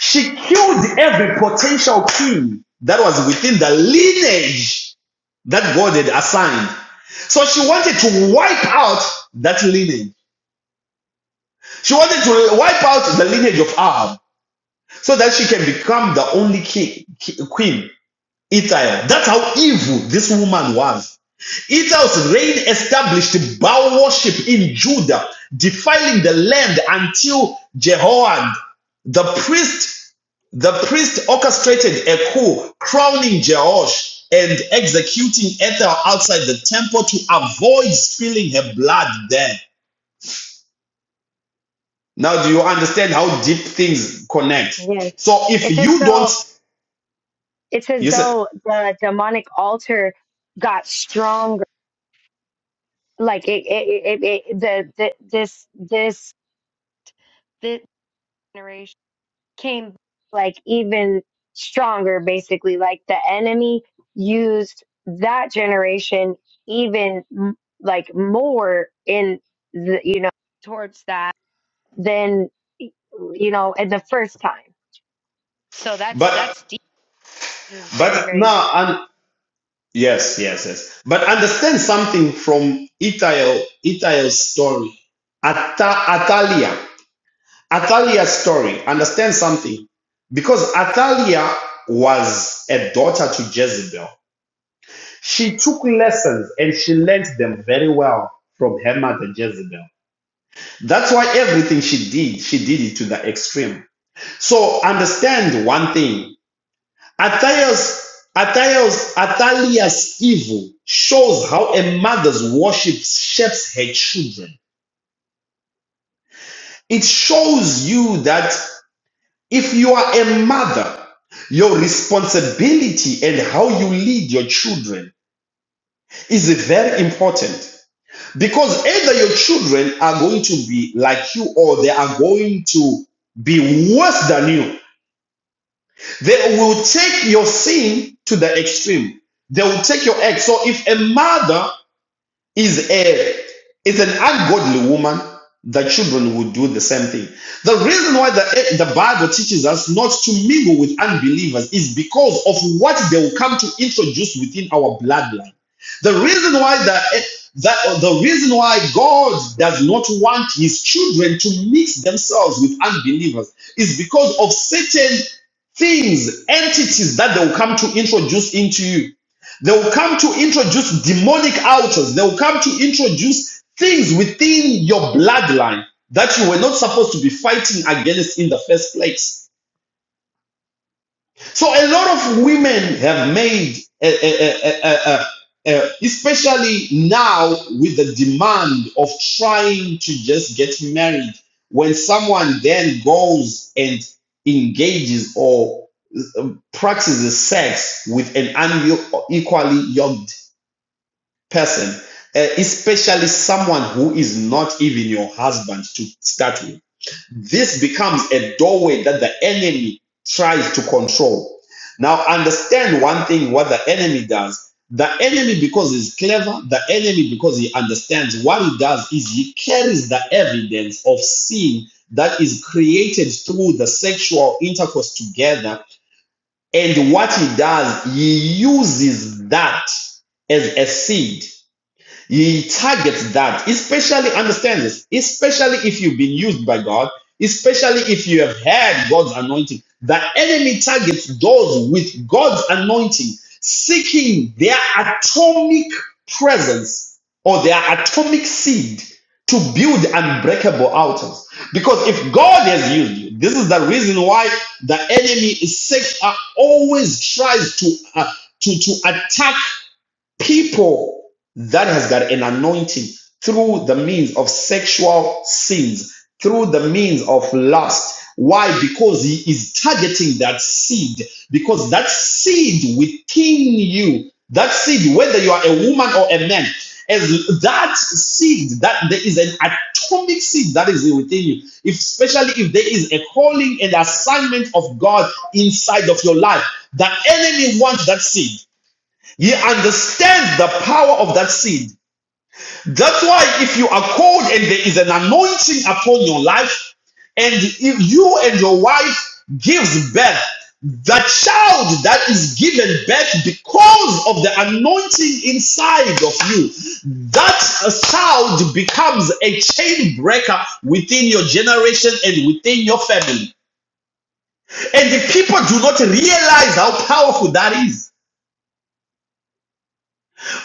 [SPEAKER 1] She killed every potential king that was within the lineage that God had assigned. So she wanted to wipe out that lineage. She wanted to wipe out the lineage of Ahab so that she can become the only king, queen Ithiel. That's how evil this woman was. Ithiel's reign established Baal worship in Judah, defiling the land until Jehoram, the priest, the priest orchestrated a coup, crowning Jehosh and executing Ethel outside the temple to avoid spilling her blood there. Now, do you understand how deep things connect?
[SPEAKER 2] Yes.
[SPEAKER 1] So, if
[SPEAKER 2] It's as
[SPEAKER 1] you don't,
[SPEAKER 2] though it's as
[SPEAKER 1] you said,
[SPEAKER 2] though the demonic altar got stronger. Like it, it, it, it, the, the this this this generation came like even stronger. Basically, like the enemy used that generation even m- like more in the you know towards that than you know in the first time. So that's
[SPEAKER 1] but
[SPEAKER 2] that's deep. This is very
[SPEAKER 1] but
[SPEAKER 2] very
[SPEAKER 1] now, and. Yes, yes, yes. But understand something from Itael, Itael's story. Ata, Atalia. Atalia's story. Understand something. Because Atalia was a daughter to Jezebel. She took lessons and she learned them very well from her mother Jezebel. That's why everything she did, she did it to the extreme. So understand one thing. Athia's, Athia's, Athalia's evil shows how a mother's worship shapes her children. It shows you that if you are a mother, your responsibility and how you lead your children is very important. Because either your children are going to be like you or they are going to be worse than you. They will take your sin to the extreme. They will take your ex. So if a mother is a is an ungodly woman, the children would do the same thing. The reason why the the Bible teaches us not to mingle with unbelievers is because of what they will come to introduce within our bloodline. The reason why the that the reason why God does not want his children to mix themselves with unbelievers is because of certain things, entities that they will come to introduce into you. They will come to introduce demonic altars. They will come to introduce things within your bloodline that you were not supposed to be fighting against in the first place. So a lot of women have made, eh, eh, eh, eh, eh, eh, eh, eh, especially now with the demand of trying to just get married, when someone then goes and engages or eh, practices sex with an unequally yoked person, uh, especially someone who is not even your husband to start with. This becomes a doorway that the enemy tries to control. Now, understand one thing what the enemy does. The enemy, because he's clever, the enemy, because he understands what he does, is he carries the evidence of sin that is created through the sexual intercourse together. And what he does, he uses that as a seed he targets that, especially understand this, especially if you've been used by God, especially if you have had God's anointing. The enemy targets those with God's anointing, seeking their atomic presence or their atomic seed to build unbreakable altars. Because if God has used you, this is the reason why the enemy is sick, uh, always tries to, uh, to to attack people that has got an anointing through the means of sexual sins, through the means of lust. Why? Because he is targeting that seed. Because that seed within you, that seed, whether you are a woman or a man, as that seed, that there is an atomic seed that is within you. If, especially if there is a calling and assignment of God inside of your life, the enemy wants that seed. He understands the power of that seed. That's why if you are called and there is an anointing upon your life, and if you and your wife gives birth, the child that is given birth because of the anointing inside of you, that child becomes a chain breaker within your generation and within your family. And the people do not realize how powerful that is.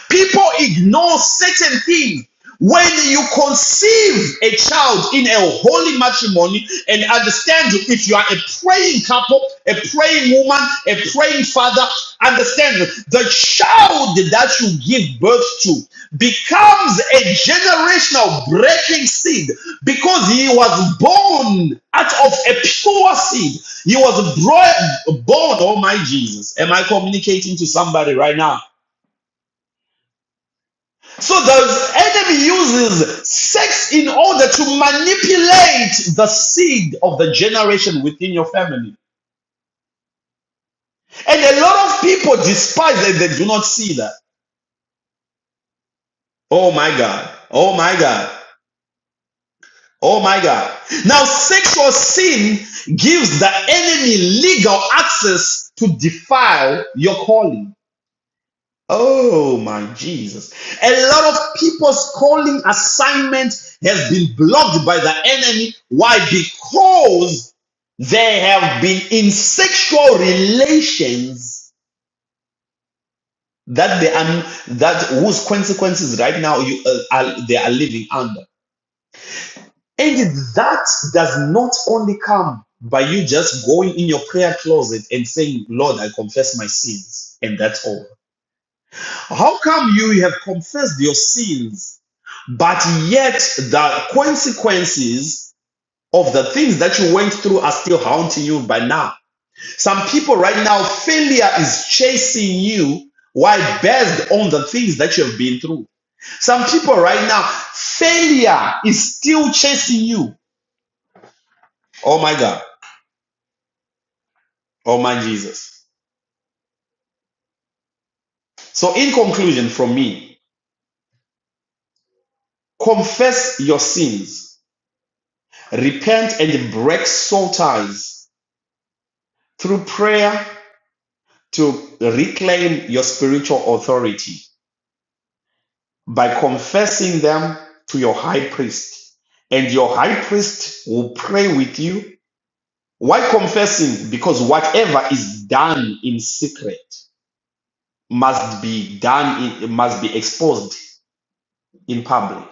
[SPEAKER 1] People ignore certain things. When you conceive a child in a holy matrimony and understand you, if you are a praying couple, a praying woman, a praying father, understand the child that you give birth to becomes a generational breaking seed because he was born out of a pure seed. He was born, oh my Jesus. Am I communicating to somebody right now? So the enemy uses sex in order to manipulate the seed of the generation within your family. And a lot of people despise it. they do not see that. Oh my God. Oh my God. Oh my God. Now, sexual sin gives the enemy legal access to defile your calling. Oh my Jesus. A lot of people's calling assignment has been blocked by the enemy. Why? Because they have been in sexual relations that they are that whose consequences right now you uh, are, they are living under. And that does not only come by you just going in your prayer closet and saying, Lord, I confess my sins, and that's all. How come you have confessed your sins But yet, the consequences of the things that you went through are still haunting you by now. Some people right now, failure is chasing you. Why? Based on the things that you have been through. Some people right now, failure is still chasing you. Oh my God. Oh my Jesus. So, in conclusion, from me, confess your sins, repent and break soul ties through prayer to reclaim your spiritual authority by confessing them to your high priest. And your high priest will pray with you. Why confessing? Because whatever is done in secret must be done in must be exposed in public.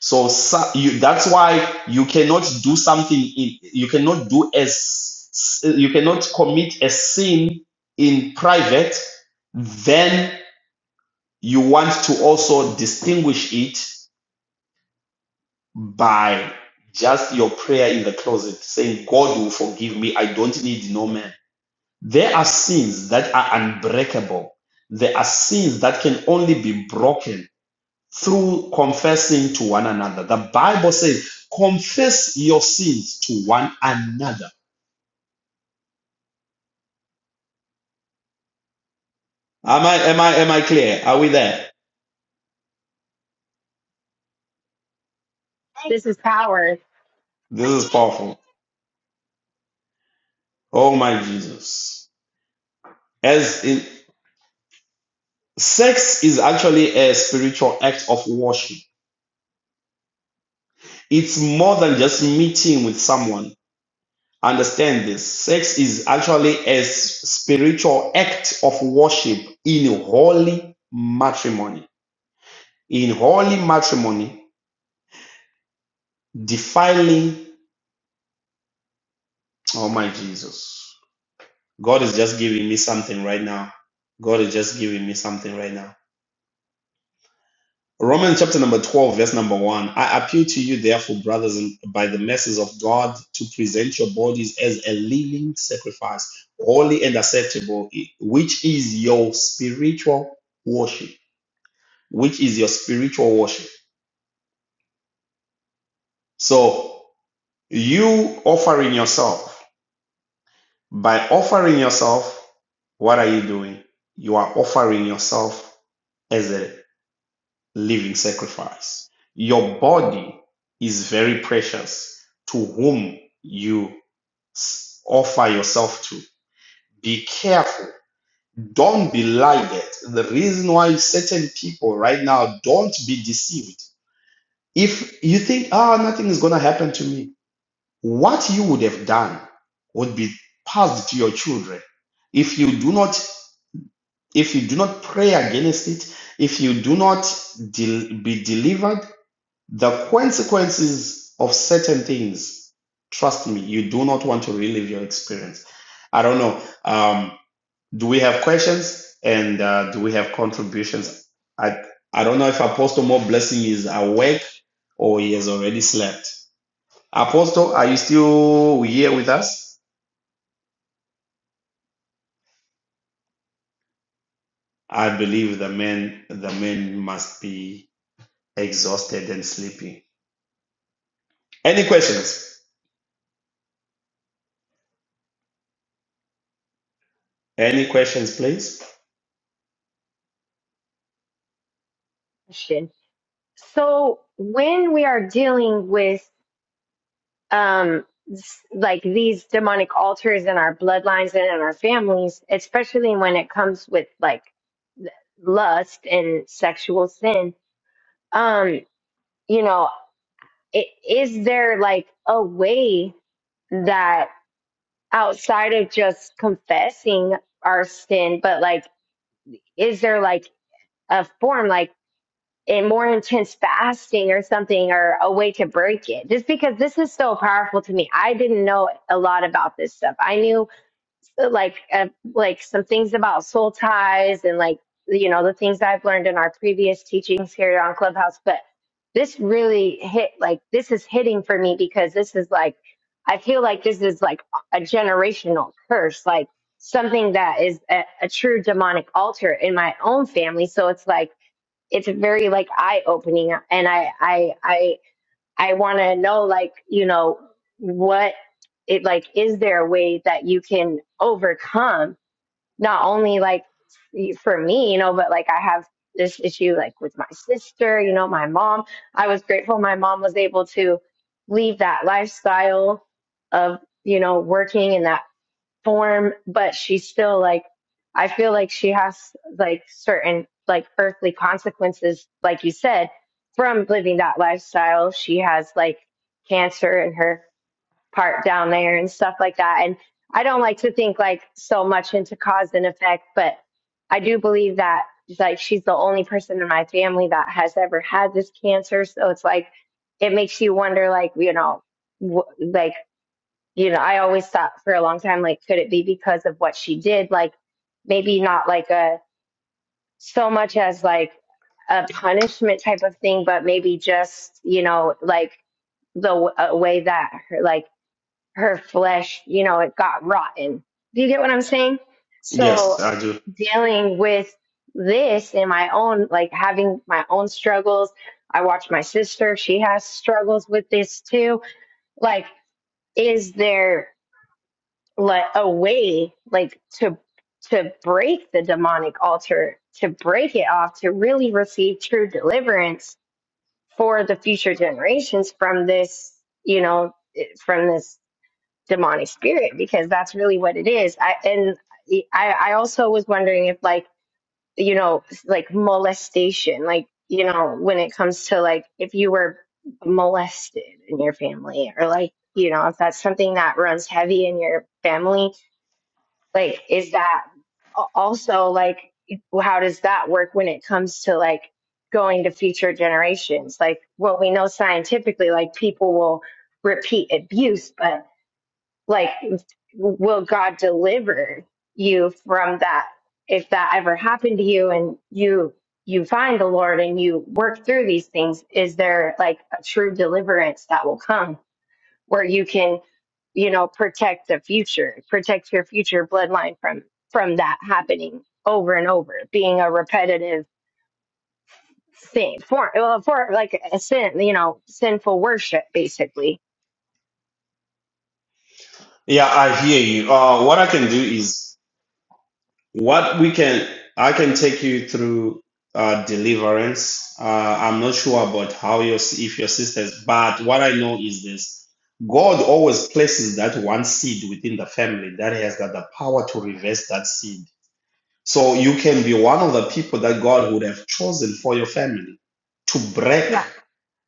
[SPEAKER 1] So, so- you, that's why you cannot do something in you cannot do as you cannot commit a sin in private, then you want to also distinguish it by just your prayer in the closet, saying, God will forgive me. I don't need no man. There are sins that are unbreakable. There are sins that can only be broken through confessing to one another. The Bible says, confess your sins to one another. Am I, am I, am I clear? Are we there?
[SPEAKER 2] This is power
[SPEAKER 1] This is powerful. Oh my Jesus. as in. Sex is actually a spiritual act of worship. It's more than just meeting with someone. Understand this. Sex is actually a s- spiritual act of worship in holy matrimony. In holy matrimony, defiling, oh my Jesus. God is just giving me something right now. God is just giving me something right now. Romans chapter number 12, verse number 1. I appeal to you, therefore, brothers, by the mercies of God, to present your bodies as a living sacrifice, holy and acceptable, which is your spiritual worship. Which is your spiritual worship. So, you offering yourself, by offering yourself, what are you doing? You are offering yourself as a living sacrifice. Your body is very precious to whom you offer yourself to. Be careful. Don't be like that. The reason why certain people right now don't be deceived. If you think, ah, oh, nothing is going to happen to me, what you would have done would be passed to your children. If you do not, if you do not pray against it, if you do not del- be delivered, The consequences of certain things, trust me, you do not want to relive your experience. I don't know. Um, do we have questions and uh, do we have contributions? I, I don't know if Apostle Mo Blessing is awake or he has already slept. Apostle, are you still here with us? I believe the man the man must be exhausted and sleepy. Any questions? Any questions, please?
[SPEAKER 2] question. So when we are dealing with um s- like these demonic altars in our bloodlines and in our families, especially when it comes with like l- lust and sexual sin um you know i- is there like a way that outside of just confessing our sin but like is there like a form like in more intense fasting or something or a way to break it just because this is so powerful to me i didn't know a lot about this stuff i knew like uh, like some things about soul ties and like you know the things i've learned in our previous teachings here on clubhouse but this really hit like this is hitting for me because this is like i feel like this is like a generational curse like something that is a, a true demonic altar in my own family so it's like it's very like eye opening and I I I I want to know like, you know, what it like is there a way that you can overcome not only like for me, you know, but like I have this issue like with my sister, you know, my mom. I was grateful my mom was able to leave that lifestyle of, you know, working and that form, but she's still like, I feel like she has like certain like earthly consequences, like you said, from living that lifestyle. She has like cancer in her part down there and stuff like that. And I don't like to think like so much into cause and effect, but I do believe that like she's the only person in my family that has ever had this cancer. So it's like, it makes you wonder, like, you know, wh- like you know, I always thought for a long time, like, could it be because of what she did? Like, maybe not like a so much as like a punishment type of thing, but maybe just, you know, like the w- a way that her, like her flesh, you know, it got rotten. Do you get what I'm saying?
[SPEAKER 1] Yes,
[SPEAKER 2] So
[SPEAKER 1] I do.
[SPEAKER 2] dealing with this in my own, like having my own struggles. I watch my sister, she has struggles with this too. Like, is there like a way like to to break the demonic altar to break it off to really receive true deliverance for the future generations from this you know eh, from this demonic spirit because that's really what it is i and i i also was wondering if like you know like molestation like you know when it comes to like if you were molested in your family or like you know if that's something that runs heavy in your family like, is that also like, how does that work when it comes to like going to future generations? Like, well, we know scientifically, like people will repeat abuse, but like, will God deliver you from that if that ever happened to you and you you find the Lord and you work through these things? Is there like a true deliverance that will come? where you can, you know, protect the future, protect your future bloodline from from that happening over and over, being a repetitive thing, for well, for like a sin, you know, sinful worship, basically.
[SPEAKER 1] Yeah, I hear you. Uh, what I can do is what we can, I can take you through uh, deliverance. Uh, I'm not sure about how your if your sisters, but what I know is this: God always places that one seed within the family that has got the power to reverse that seed. So you can be one of the people that God would have chosen for your family to break
[SPEAKER 2] Yeah.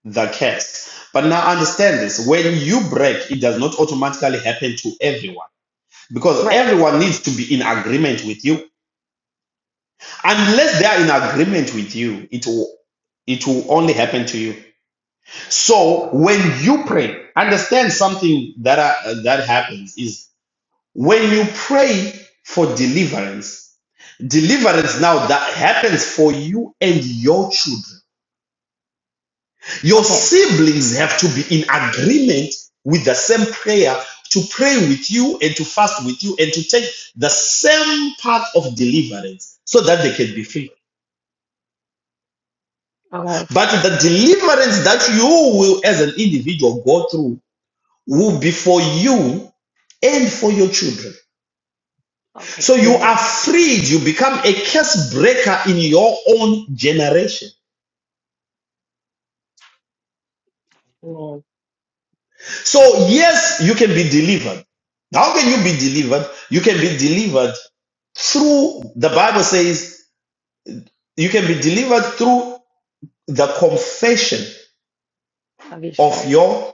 [SPEAKER 1] the curse. But now understand this: when you break, it does not automatically happen to everyone because
[SPEAKER 2] Right.
[SPEAKER 1] everyone needs to be in agreement with you unless they are in agreement with you it will it will only happen to you so when you pray understand something that uh, that happens is when you pray for deliverance deliverance now that happens for you and your children Your
[SPEAKER 2] Okay.
[SPEAKER 1] siblings have to be in agreement with the same prayer to pray with you and to fast with you and to take the same path of deliverance so that they can be free.
[SPEAKER 2] Okay.
[SPEAKER 1] But the deliverance that you will, as an individual, go through will be for you and for your children. So
[SPEAKER 2] Okay.
[SPEAKER 1] you are
[SPEAKER 2] Amen.
[SPEAKER 1] freed, you become a curse breaker in your own generation.
[SPEAKER 2] Amen.
[SPEAKER 1] So, yes, you can be delivered. How can you be delivered? You can be delivered through the Bible says you can be delivered through the confession
[SPEAKER 2] Of your
[SPEAKER 1] of
[SPEAKER 2] saints.
[SPEAKER 1] your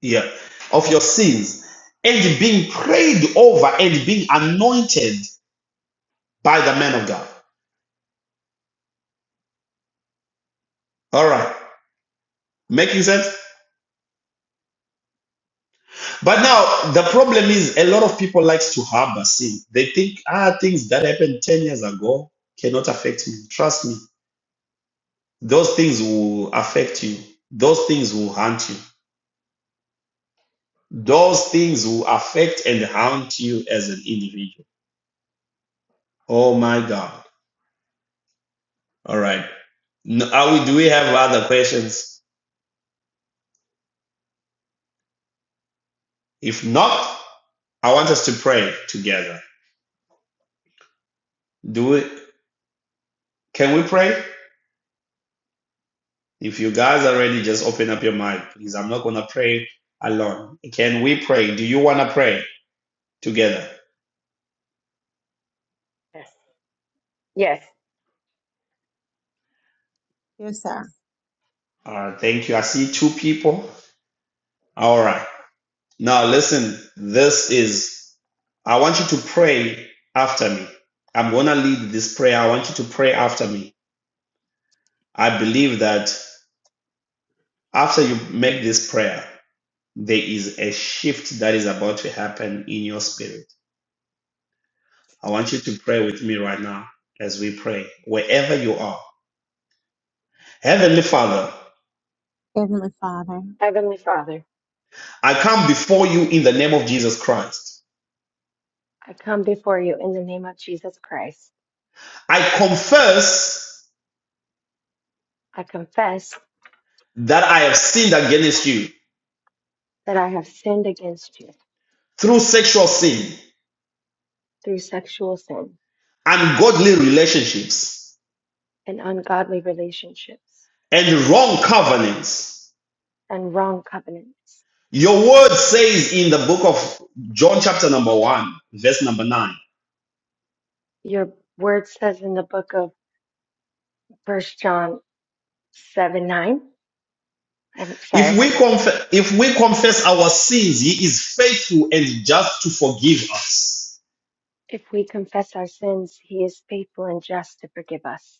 [SPEAKER 1] yeah of your sins and being prayed over and being anointed by the man of God. All right, making sense. But now the problem is a lot of people likes to harbor sin. They think ah things that happened ten years ago cannot affect me. Trust me, those things will affect you. Those things will haunt you Those things will affect and haunt you as an individual. Oh my God. All right. N- Are we, do we have other questions? If not, I want us to pray together. Do we, can we pray? If you guys are ready, just open up your mic, please. I'm not going to pray alone. Can we pray? Do you want to pray together?
[SPEAKER 2] Yes. Yes.
[SPEAKER 5] Yes, sir.
[SPEAKER 1] All right. Thank you. I see two people. All right. Now, listen, this is, I want you to pray after me. I'm going to lead this prayer. I want you to pray after me. I believe that after you make this prayer, there is a shift that is about to happen in your spirit. I want you to pray with me right now as we pray, wherever you are. Heavenly Father,
[SPEAKER 5] Heavenly Father,
[SPEAKER 2] Heavenly Father,
[SPEAKER 1] I come before you in the name of Jesus Christ.
[SPEAKER 2] I come before you in the name of Jesus Christ.
[SPEAKER 1] I confess
[SPEAKER 2] I confess
[SPEAKER 1] that I have sinned against you
[SPEAKER 2] that I have sinned against you
[SPEAKER 1] through sexual sin.
[SPEAKER 2] through sexual sin
[SPEAKER 1] ungodly relationships,
[SPEAKER 2] and ungodly relationships.
[SPEAKER 1] and wrong covenants.
[SPEAKER 2] and wrong covenants.
[SPEAKER 1] Your word says in the book of John, chapter number one, verse number nine.
[SPEAKER 2] Your word says in the book of First John 7 9. I'm sorry,
[SPEAKER 1] If
[SPEAKER 2] I'm
[SPEAKER 1] we
[SPEAKER 2] writing this.
[SPEAKER 1] confess, if we confess our sins, he is faithful and just to forgive us
[SPEAKER 2] If we confess our sins, he is faithful and just to forgive us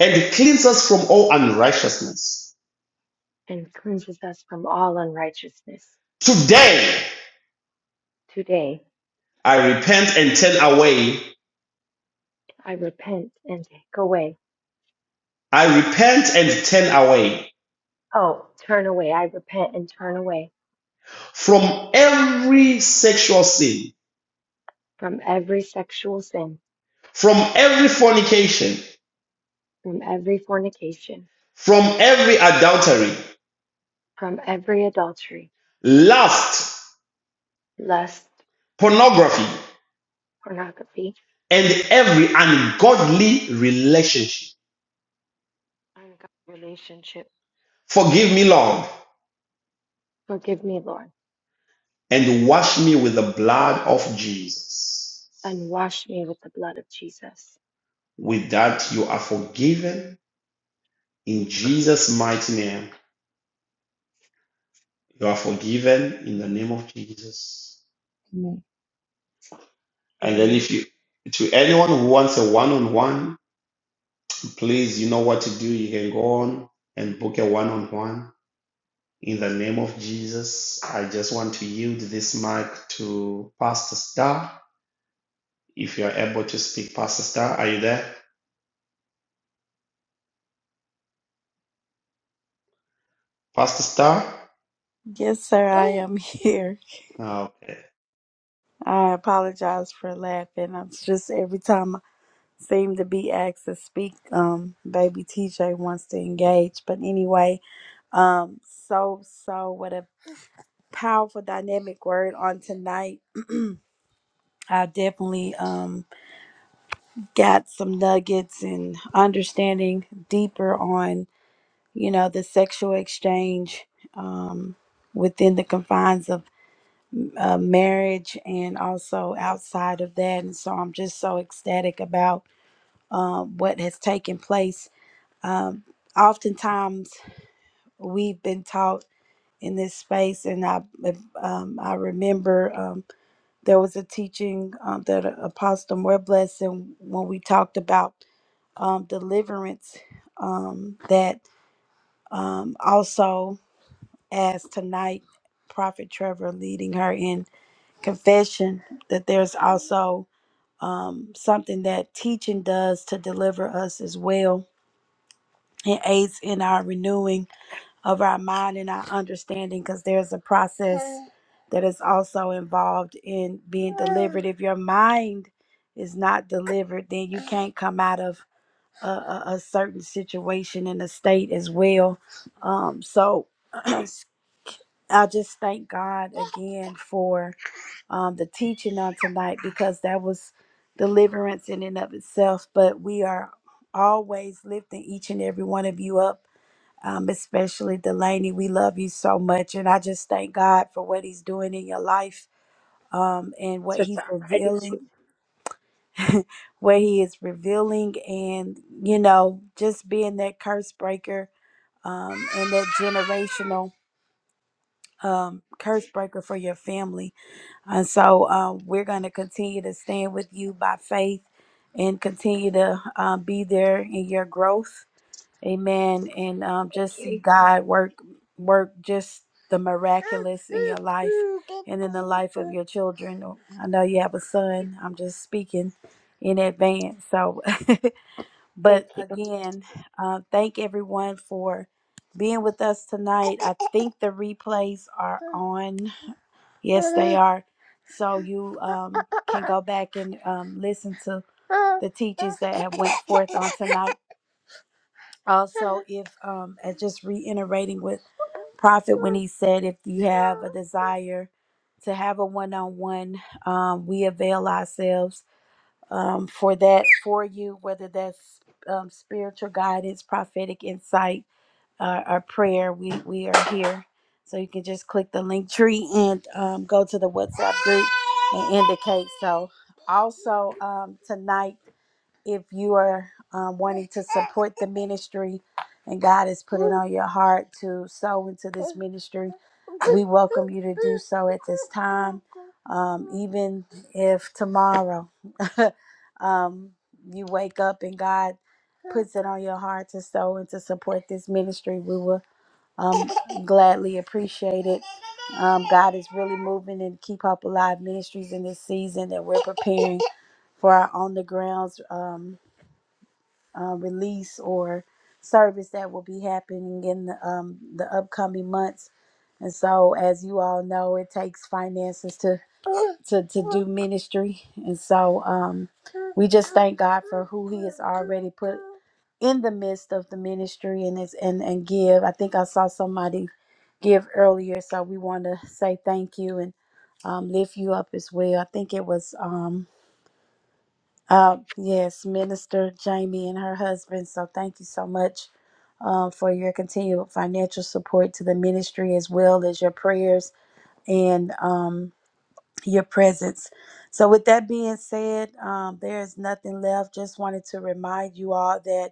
[SPEAKER 1] and cleanse us from all unrighteousness.
[SPEAKER 2] and cleanses us from all unrighteousness.
[SPEAKER 1] Today,
[SPEAKER 2] Today,
[SPEAKER 1] I repent and turn away.
[SPEAKER 2] I repent and take away.
[SPEAKER 1] I repent and turn away
[SPEAKER 2] Oh, turn away. I repent and turn away
[SPEAKER 1] from every sexual sin,
[SPEAKER 2] from every sexual sin,
[SPEAKER 1] from every fornication,
[SPEAKER 2] from every fornication,
[SPEAKER 1] from every adultery,
[SPEAKER 2] from every adultery,
[SPEAKER 1] lust,
[SPEAKER 2] lust,
[SPEAKER 1] pornography,
[SPEAKER 2] pornography,
[SPEAKER 1] and every ungodly relationship.
[SPEAKER 2] ungodly relationship.
[SPEAKER 1] Forgive me, Lord,
[SPEAKER 2] Forgive me, Lord
[SPEAKER 1] and wash me with the blood of Jesus.
[SPEAKER 2] and wash me with the blood of Jesus.
[SPEAKER 1] With that, you are forgiven in Jesus' mighty name. You are forgiven in the name of Jesus.
[SPEAKER 5] amen.
[SPEAKER 1] And then,
[SPEAKER 2] Amen.
[SPEAKER 1] if you, to anyone who wants a one on one, please, you know what to do. You can go on and book a one on one In the name of Jesus, I just want to yield this mic to Pastor Star. If you are able to speak, Pastor Star, are you there? Pastor Star?
[SPEAKER 3] Yes, sir, I am here.
[SPEAKER 1] okay.
[SPEAKER 3] I apologize for laughing. I'm just every time. seem to be asked to speak. Um, baby TJ wants to engage, but anyway, um, so so what a powerful dynamic word on tonight. I definitely um got some nuggets and understanding deeper on you know the sexual exchange um within the confines of uh, marriage and also outside of that and so i'm just so ecstatic about um, what has taken place um, oftentimes we've been taught in this space. And I, um, I remember um, there was a teaching um, that Apostle More Blessing, when we talked about um, deliverance, um, that um, also, as tonight, Prophet Trevor leading her in confession, that there's also um, something that teaching does to deliver us as well. It aids in our renewing of our mind and our understanding because there's a process that is also involved in being delivered. If your mind is not delivered, then you can't come out of a, a, a certain situation and a state as well. Um, so I just thank God again for um, the teaching on tonight because that was deliverance in and of itself. But we are always lifting each and every one of you up um, especially Delaney. We love you so much. And I just thank God for what He's doing in your life um, and
[SPEAKER 2] It's
[SPEAKER 3] what
[SPEAKER 2] just
[SPEAKER 3] He's
[SPEAKER 2] our
[SPEAKER 3] revealing,
[SPEAKER 2] gratitude.
[SPEAKER 3] what He is revealing, and, you know, just being that curse breaker um, and that generational um, curse breaker for your family. And so um, we're going to continue to stand with you by faith and continue to um, be there in your growth Amen. And um,
[SPEAKER 2] Thank
[SPEAKER 3] just see
[SPEAKER 2] you.
[SPEAKER 3] God work, work just the miraculous in your life and in the life of your children. Oh, I know you have a
[SPEAKER 2] Thank you.
[SPEAKER 3] son. I'm just speaking in advance. So,
[SPEAKER 2] Thank
[SPEAKER 3] but
[SPEAKER 2] you.
[SPEAKER 3] again, uh, thank everyone for being with us tonight. I think the replays are on. Yes, they are. So you um, can go back and um, listen to the teachings that have went forth on tonight also if um and just reiterating what prophet when he said if you have a desire to have a one-on-one um we avail ourselves um for that for you whether that's um, spiritual guidance prophetic insight uh, or prayer we we are here so you can just click the link tree and um, go to the whatsapp group and indicate so also um tonight if you are um, wanting to support the ministry and God has put it on your heart to sow into this ministry, we welcome you to do so at this time. Um, even if tomorrow um, you wake up and God puts it on your heart to sow and to support this ministry, we will um, gladly appreciate it. Um, God is really moving and keep hope alive ministries in this season that we're preparing for our on the grounds. Um, uh, release or service that will be happening in the, um, the upcoming months. And so, as you all know, it takes finances to to, to do ministry. And so, um, we just thank God for who He has already put in the midst of the ministry and is and and give. I think I saw somebody give earlier, so we want to say thank you and um, lift you up as well. I think it was. um. Uh, yes, Minister Jamie and her husband. So thank you so much uh, for your continued financial support to the ministry as well as your prayers and um, your presence. So, with that being said, um, there is nothing left. Just wanted to remind you all that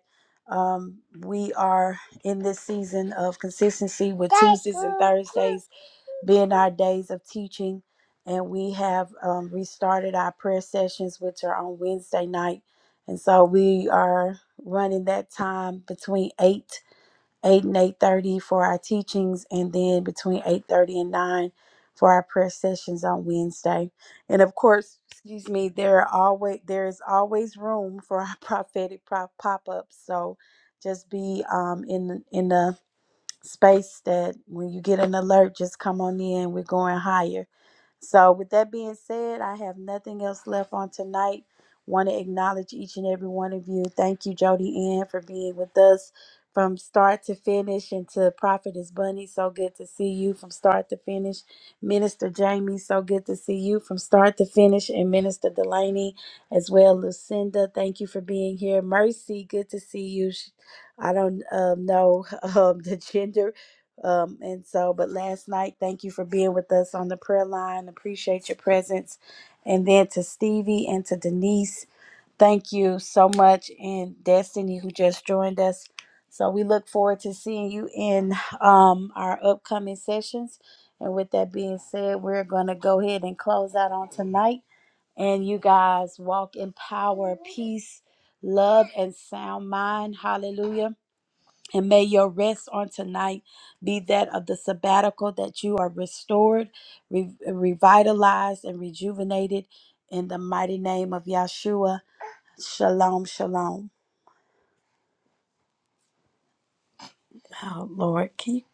[SPEAKER 3] um, we are in this season of consistency with Tuesdays and Thursdays been our days of teaching, and we have um, restarted our prayer sessions, which are on Wednesday night. And so we are running that time between eight, eight and eight thirty for our teachings, and then between eight thirty and nine for our prayer sessions on Wednesday. And of course, excuse me, there are always there is always room for our prophetic pop ups. So just be um, in in the space that when you get an alert, just come on in. We're going higher. So, with that being said, I have nothing else left on tonight. Want to acknowledge each and every one of you. Thank you, Jody Ann, for being with us from start to finish. And to Prophetess Bunny, so good to see you from start to finish. Minister Jamie, so good to see you from start to finish. And Minister Delaney as well. Lucinda, thank you for being here. Mercy, good to see you. Sh- I don't um, know um, the gender um, and so, but last night, thank you for being with us on the prayer line. Appreciate your presence. And then to Stevie and to Denise, thank you so much. And Destiny, who just joined us. So we look forward to seeing you in um, our upcoming sessions. And with that being said, we're going to go ahead and close out on tonight. And you guys walk in power, peace, love, and sound mind. Hallelujah. And may your rest on tonight be that of the sabbatical that you are restored, re- revitalized, and rejuvenated in the mighty name of Yahshua. Shalom, shalom. Oh, Lord, keep.